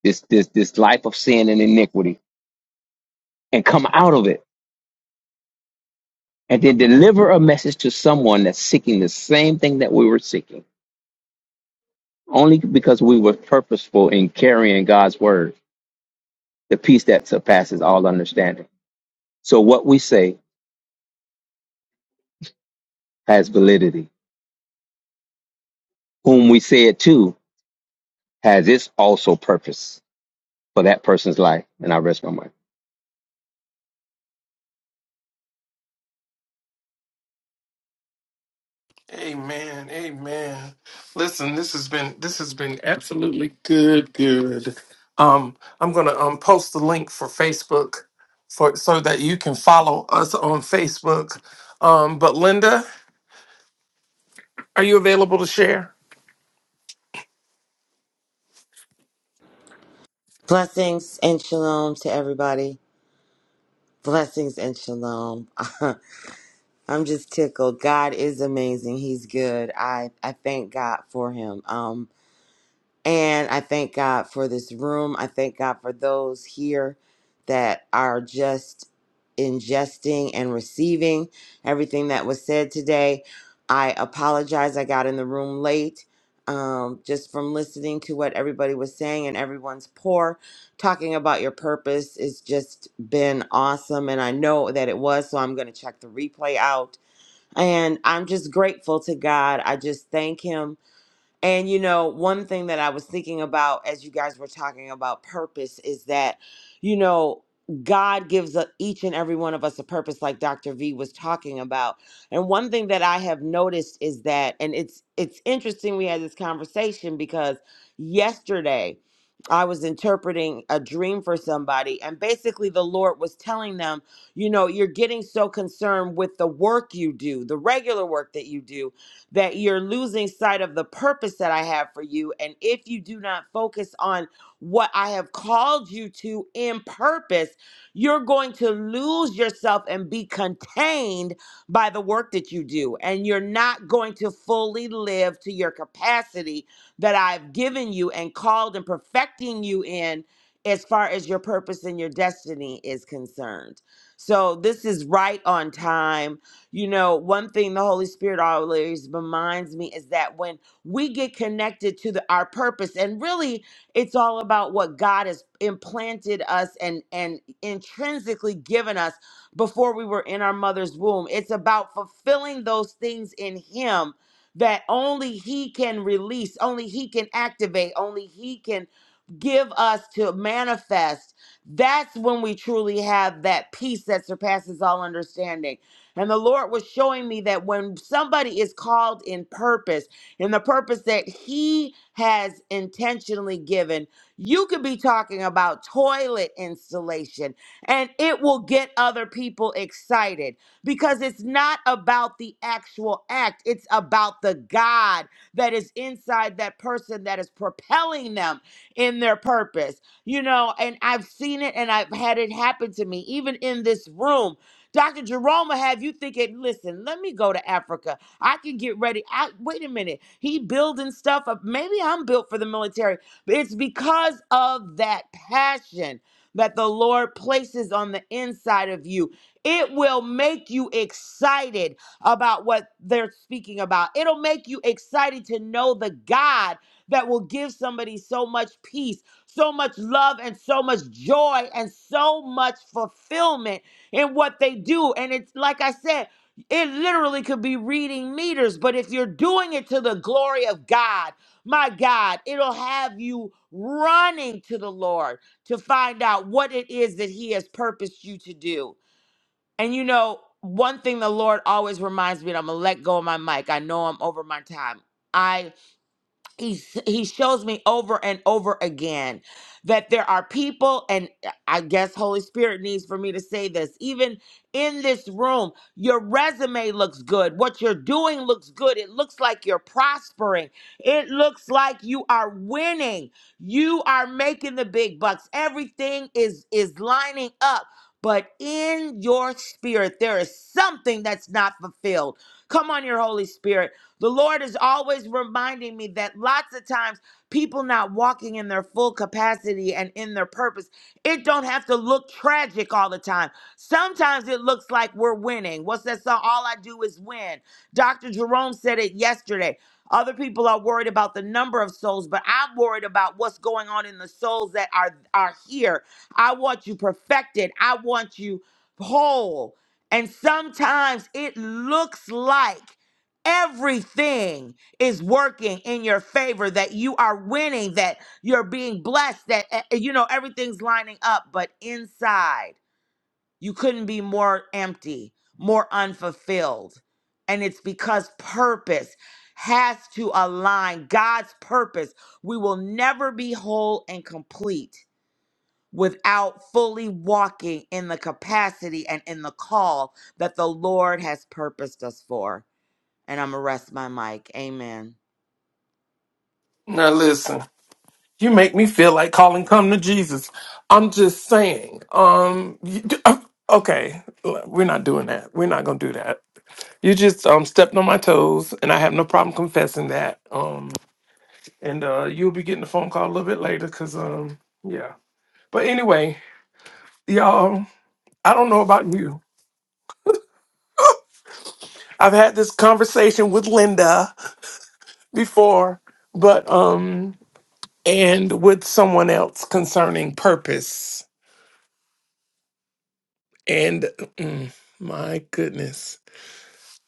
Speaker 3: this this this life of sin and iniquity, and come out of it, and then deliver a message to someone that's seeking the same thing that we were seeking, only because we were purposeful in carrying God's word. the peace that surpasses all understanding. So what we say has validity. Whom we say it to has its also purpose for that person's life. And I rest my mind.
Speaker 1: Amen. Amen. Listen, this has been this has been absolutely good, good. Um, I'm gonna um post the link for Facebook for so that you can follow us on Facebook. Um, but Linda, are you available to share?
Speaker 11: Blessings and shalom to everybody. Blessings and shalom. I'm just tickled. God is amazing. He's good. I, I thank God for him. Um, and I thank God for this room. I thank God for those here that are just ingesting and receiving everything that was said today. I apologize. I got in the room late um, just from listening to what everybody was saying and everyone's pour. Talking about your purpose has just been awesome. And I know that it was. So I'm going to check the replay out. And I'm just grateful to God. I just thank Him and you know, one thing that I was thinking about as you guys were talking about purpose is that, you know, God gives a, each and every one of us a purpose, like Dr. V was talking about. And one thing that I have noticed is that, and it's it's interesting we had this conversation because yesterday I was interpreting a dream for somebody, and basically the Lord was telling them, you know, you're getting so concerned with the work you do, the regular work that you do, that you're losing sight of the purpose that I have for you. And if you do not focus on what I have called you to in purpose, you're going to lose yourself and be contained by the work that you do. And you're not going to fully live to your capacity that I've given you and called and perfecting you in as far as your purpose and your destiny is concerned. So this is right on time you know, one thing the Holy Spirit always reminds me is that when we get connected to the, our purpose, and really it's all about what God has implanted us and, and intrinsically given us before we were in our mother's womb. It's about fulfilling those things in Him that only He can release, only He can activate, only He can give us to manifest. That's when we truly have that peace that surpasses all understanding and the Lord was showing me that when somebody is called in purpose, in the purpose that He has intentionally given, you could be talking about toilet installation and it will get other people excited because it's not about the actual act, it's about the God that is inside that person that is propelling them in their purpose. You know, and I've seen it and I've had it happen to me, even in this room Dr. Jerome will have you thinking, listen, let me go to Africa. I can get ready. I wait a minute. He building stuff up. Maybe I'm built for the military. But it's because of that passion that the Lord places on the inside of you. It will make you excited about what they're speaking about. It'll make you excited to know the God that will give somebody so much peace, so much love, and so much joy, and so much fulfillment in what they do. And it's like I said, it literally could be reading meters, but if you're doing it to the glory of God, my God, it'll have you running to the Lord to find out what it is that He has purposed you to do. And you know, one thing the Lord always reminds me, and I'm gonna let go of my mic. I know I'm over my time. I he he shows me over and over again that there are people and uh, i guess holy spirit needs for me to say this even in this room your resume looks good what you're doing looks good it looks like you're prospering it looks like you are winning you are making the big bucks everything is is lining up but in your spirit there is something that's not fulfilled come on your holy spirit the Lord is always reminding me that lots of times people not walking in their full capacity and in their purpose, it don't have to look tragic all the time. Sometimes it looks like we're winning. What's that song? All I do is win. Dr. Jerome said it yesterday. Other people are worried about the number of souls, but I'm worried about what's going on in the souls that are are here. I want you perfected. I want you whole. And sometimes it looks like Everything is working in your favor, that you are winning, that you're being blessed, that, eh, eh, you know, everything's lining up. But inside, you couldn't be more empty, more unfulfilled. And it's because purpose has to align God's purpose. We will never be whole and complete without fully walking in the capacity and in the call that the Lord has purposed us for. And I'm going to rest my mic. Amen.
Speaker 1: Now listen. You make me feel like calling come to Jesus. I'm just saying. Um you- okay, we're not doing that. We're not going to do that. You just um stepped on my toes and I have no problem confessing that. Um and uh you'll be getting a phone call a little bit later cuz um yeah. But anyway, y'all, I don't know about you. I've had this conversation with Linda before, but um and with someone else concerning purpose and mm, my goodness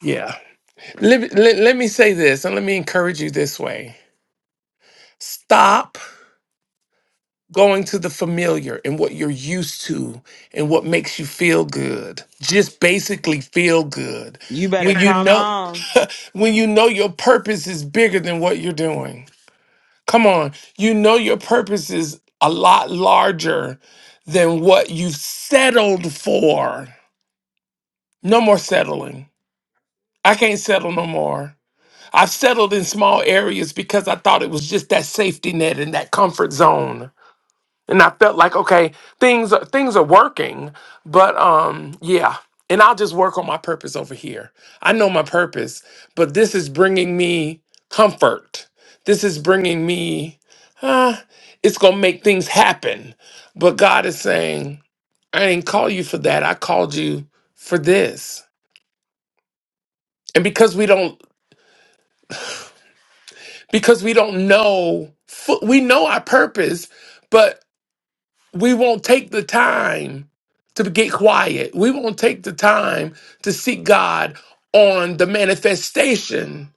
Speaker 1: Yeah. Let, let, let me say this and let me encourage you this way. Stop going to the familiar and what you're used to and what makes you feel good. Just basically feel good.
Speaker 11: You better
Speaker 1: When you
Speaker 11: come
Speaker 1: know
Speaker 11: on.
Speaker 1: when you know your purpose is bigger than what you're doing. Come on. You know your purpose is a lot larger than what you've settled for. No more settling. I can't settle no more. I've settled in small areas because I thought it was just that safety net and that comfort zone. And I felt like, okay, things are, things are working, but um, yeah. And I'll just work on my purpose over here. I know my purpose, but this is bringing me comfort. This is bringing me, uh, it's gonna make things happen. But God is saying, I didn't call you for that. I called you for this. And because we don't because we don't know fu- we know our purpose but we won't take the time to get quiet we won't take the time to seek god on the manifestation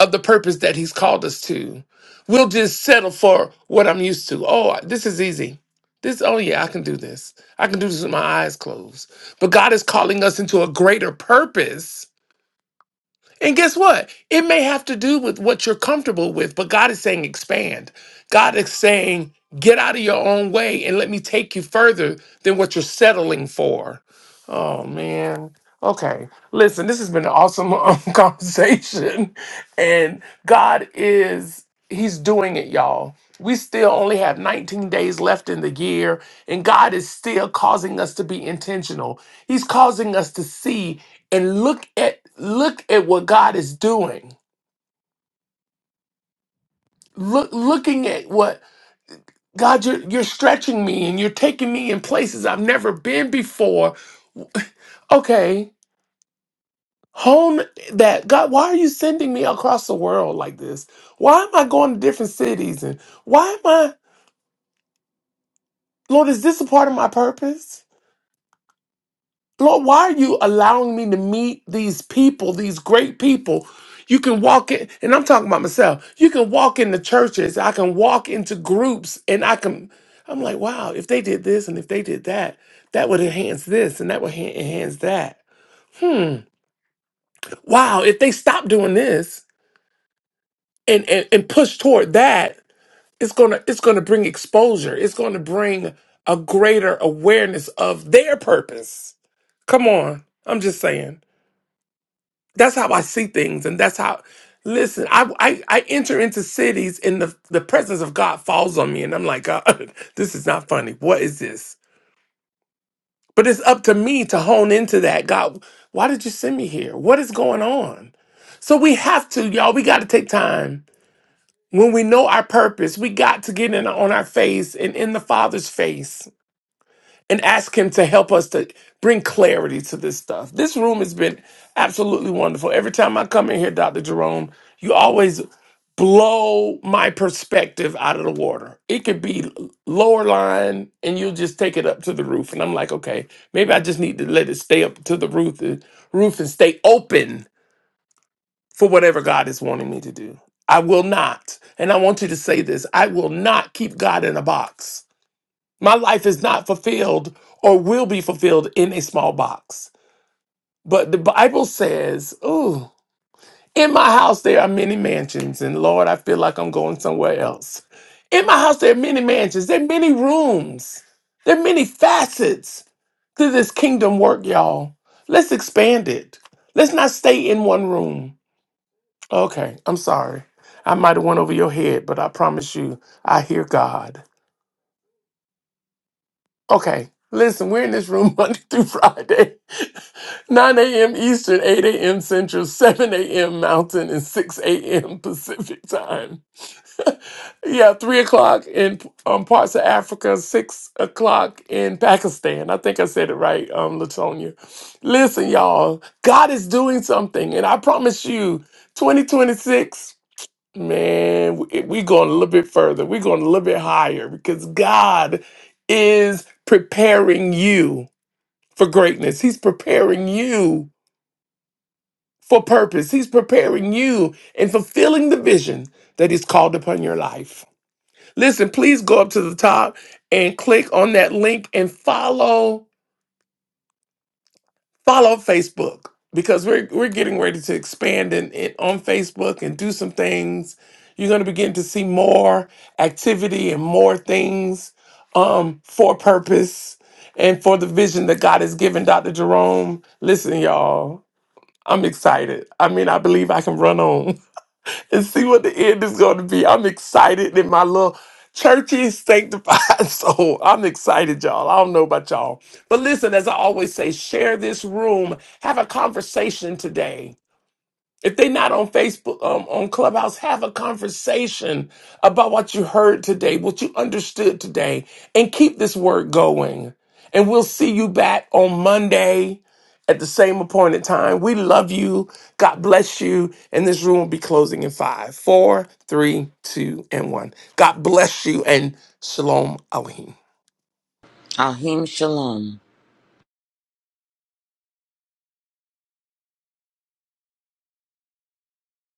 Speaker 1: of the purpose that he's called us to we'll just settle for what i'm used to oh this is easy this oh yeah i can do this i can do this with my eyes closed but god is calling us into a greater purpose and guess what? It may have to do with what you're comfortable with, but God is saying expand. God is saying get out of your own way and let me take you further than what you're settling for. Oh, man. Okay. Listen, this has been an awesome um, conversation. And God is, He's doing it, y'all. We still only have 19 days left in the year, and God is still causing us to be intentional. He's causing us to see and look at look at what God is doing. Look looking at what God you're you're stretching me and you're taking me in places I've never been before. Okay, hone that God, why are you sending me across the world like this? Why am I going to different cities and why am I Lord, is this a part of my purpose? Lord, why are you allowing me to meet these people, these great people? You can walk in, and I'm talking about myself. You can walk into churches, I can walk into groups, and I can, I'm like, wow, if they did this and if they did that, that would enhance this and that would en- enhance that. Hmm. Wow, if they stop doing this and, and, and push toward that, it's gonna it's gonna bring exposure. It's gonna bring a greater awareness of their purpose. Come on. I'm just saying. that's how I see things, and that's how. Listen, I I, I enter into cities, and the the presence of God falls on me, and I'm like, God, this is not funny. What is this? But it's up to me to hone into that. God, why did you send me here? What is going on? So we have to, y'all. We got to take time when we know our purpose. We got to get in on our face and in the Father's face and ask him to help us to bring clarity to this stuff. This room has been absolutely wonderful. Every time I come in here, Dr. Jerome, you always blow my perspective out of the water. It could be lower line and you'll just take it up to the roof and I'm like, "Okay, maybe I just need to let it stay up to the roof uh, roof and stay open for whatever God is wanting me to do." I will not. And I want you to say this, I will not keep God in a box. My life is not fulfilled or will be fulfilled in a small box. But the Bible says, Ooh, in my house there are many mansions, and Lord, I feel like I'm going somewhere else. In my house there are many mansions, there are many rooms, there are many facets to this kingdom work, y'all. Let's expand it. Let's not stay in one room. Okay, I'm sorry. I might have went over your head, but I promise you, I hear God. Okay, listen, we're in this room Monday through Friday, 9 a.m. Eastern, 8 a.m. Central, 7 a.m. Mountain, and 6 a.m. Pacific time. yeah, 3 o'clock in um, parts of Africa, 6 o'clock in Pakistan. I think I said it right, um, Latonia. Listen, y'all, God is doing something, and I promise you, 2026. Man, we- we're going a little bit further. We're going a little bit higher because God is preparing you for greatness. He's preparing you for purpose. He's preparing you and fulfilling the vision that He's called upon your life. Listen, please go up to the top and click on that link and follow. follow Facebook because we're we're getting ready to expand in, in on Facebook and do some things. You're going to begin to see more activity and more things um, for purpose and for the vision that God has given Dr. Jerome. Listen, y'all, I'm excited. I mean, I believe I can run on. and see what the end is going to be. I'm excited that my little church is sanctified. soul. I'm excited, y'all. I don't know about y'all. But listen, as I always say, share this room, have a conversation today. If they not on Facebook, um, on Clubhouse, have a conversation about what you heard today, what you understood today, and keep this word going. And we'll see you back on Monday at the same appointed time. We love you. God bless you. And this room will be closing in five, four, three, two, and one. God bless you and shalom aleichem.
Speaker 11: Ahim Shalom.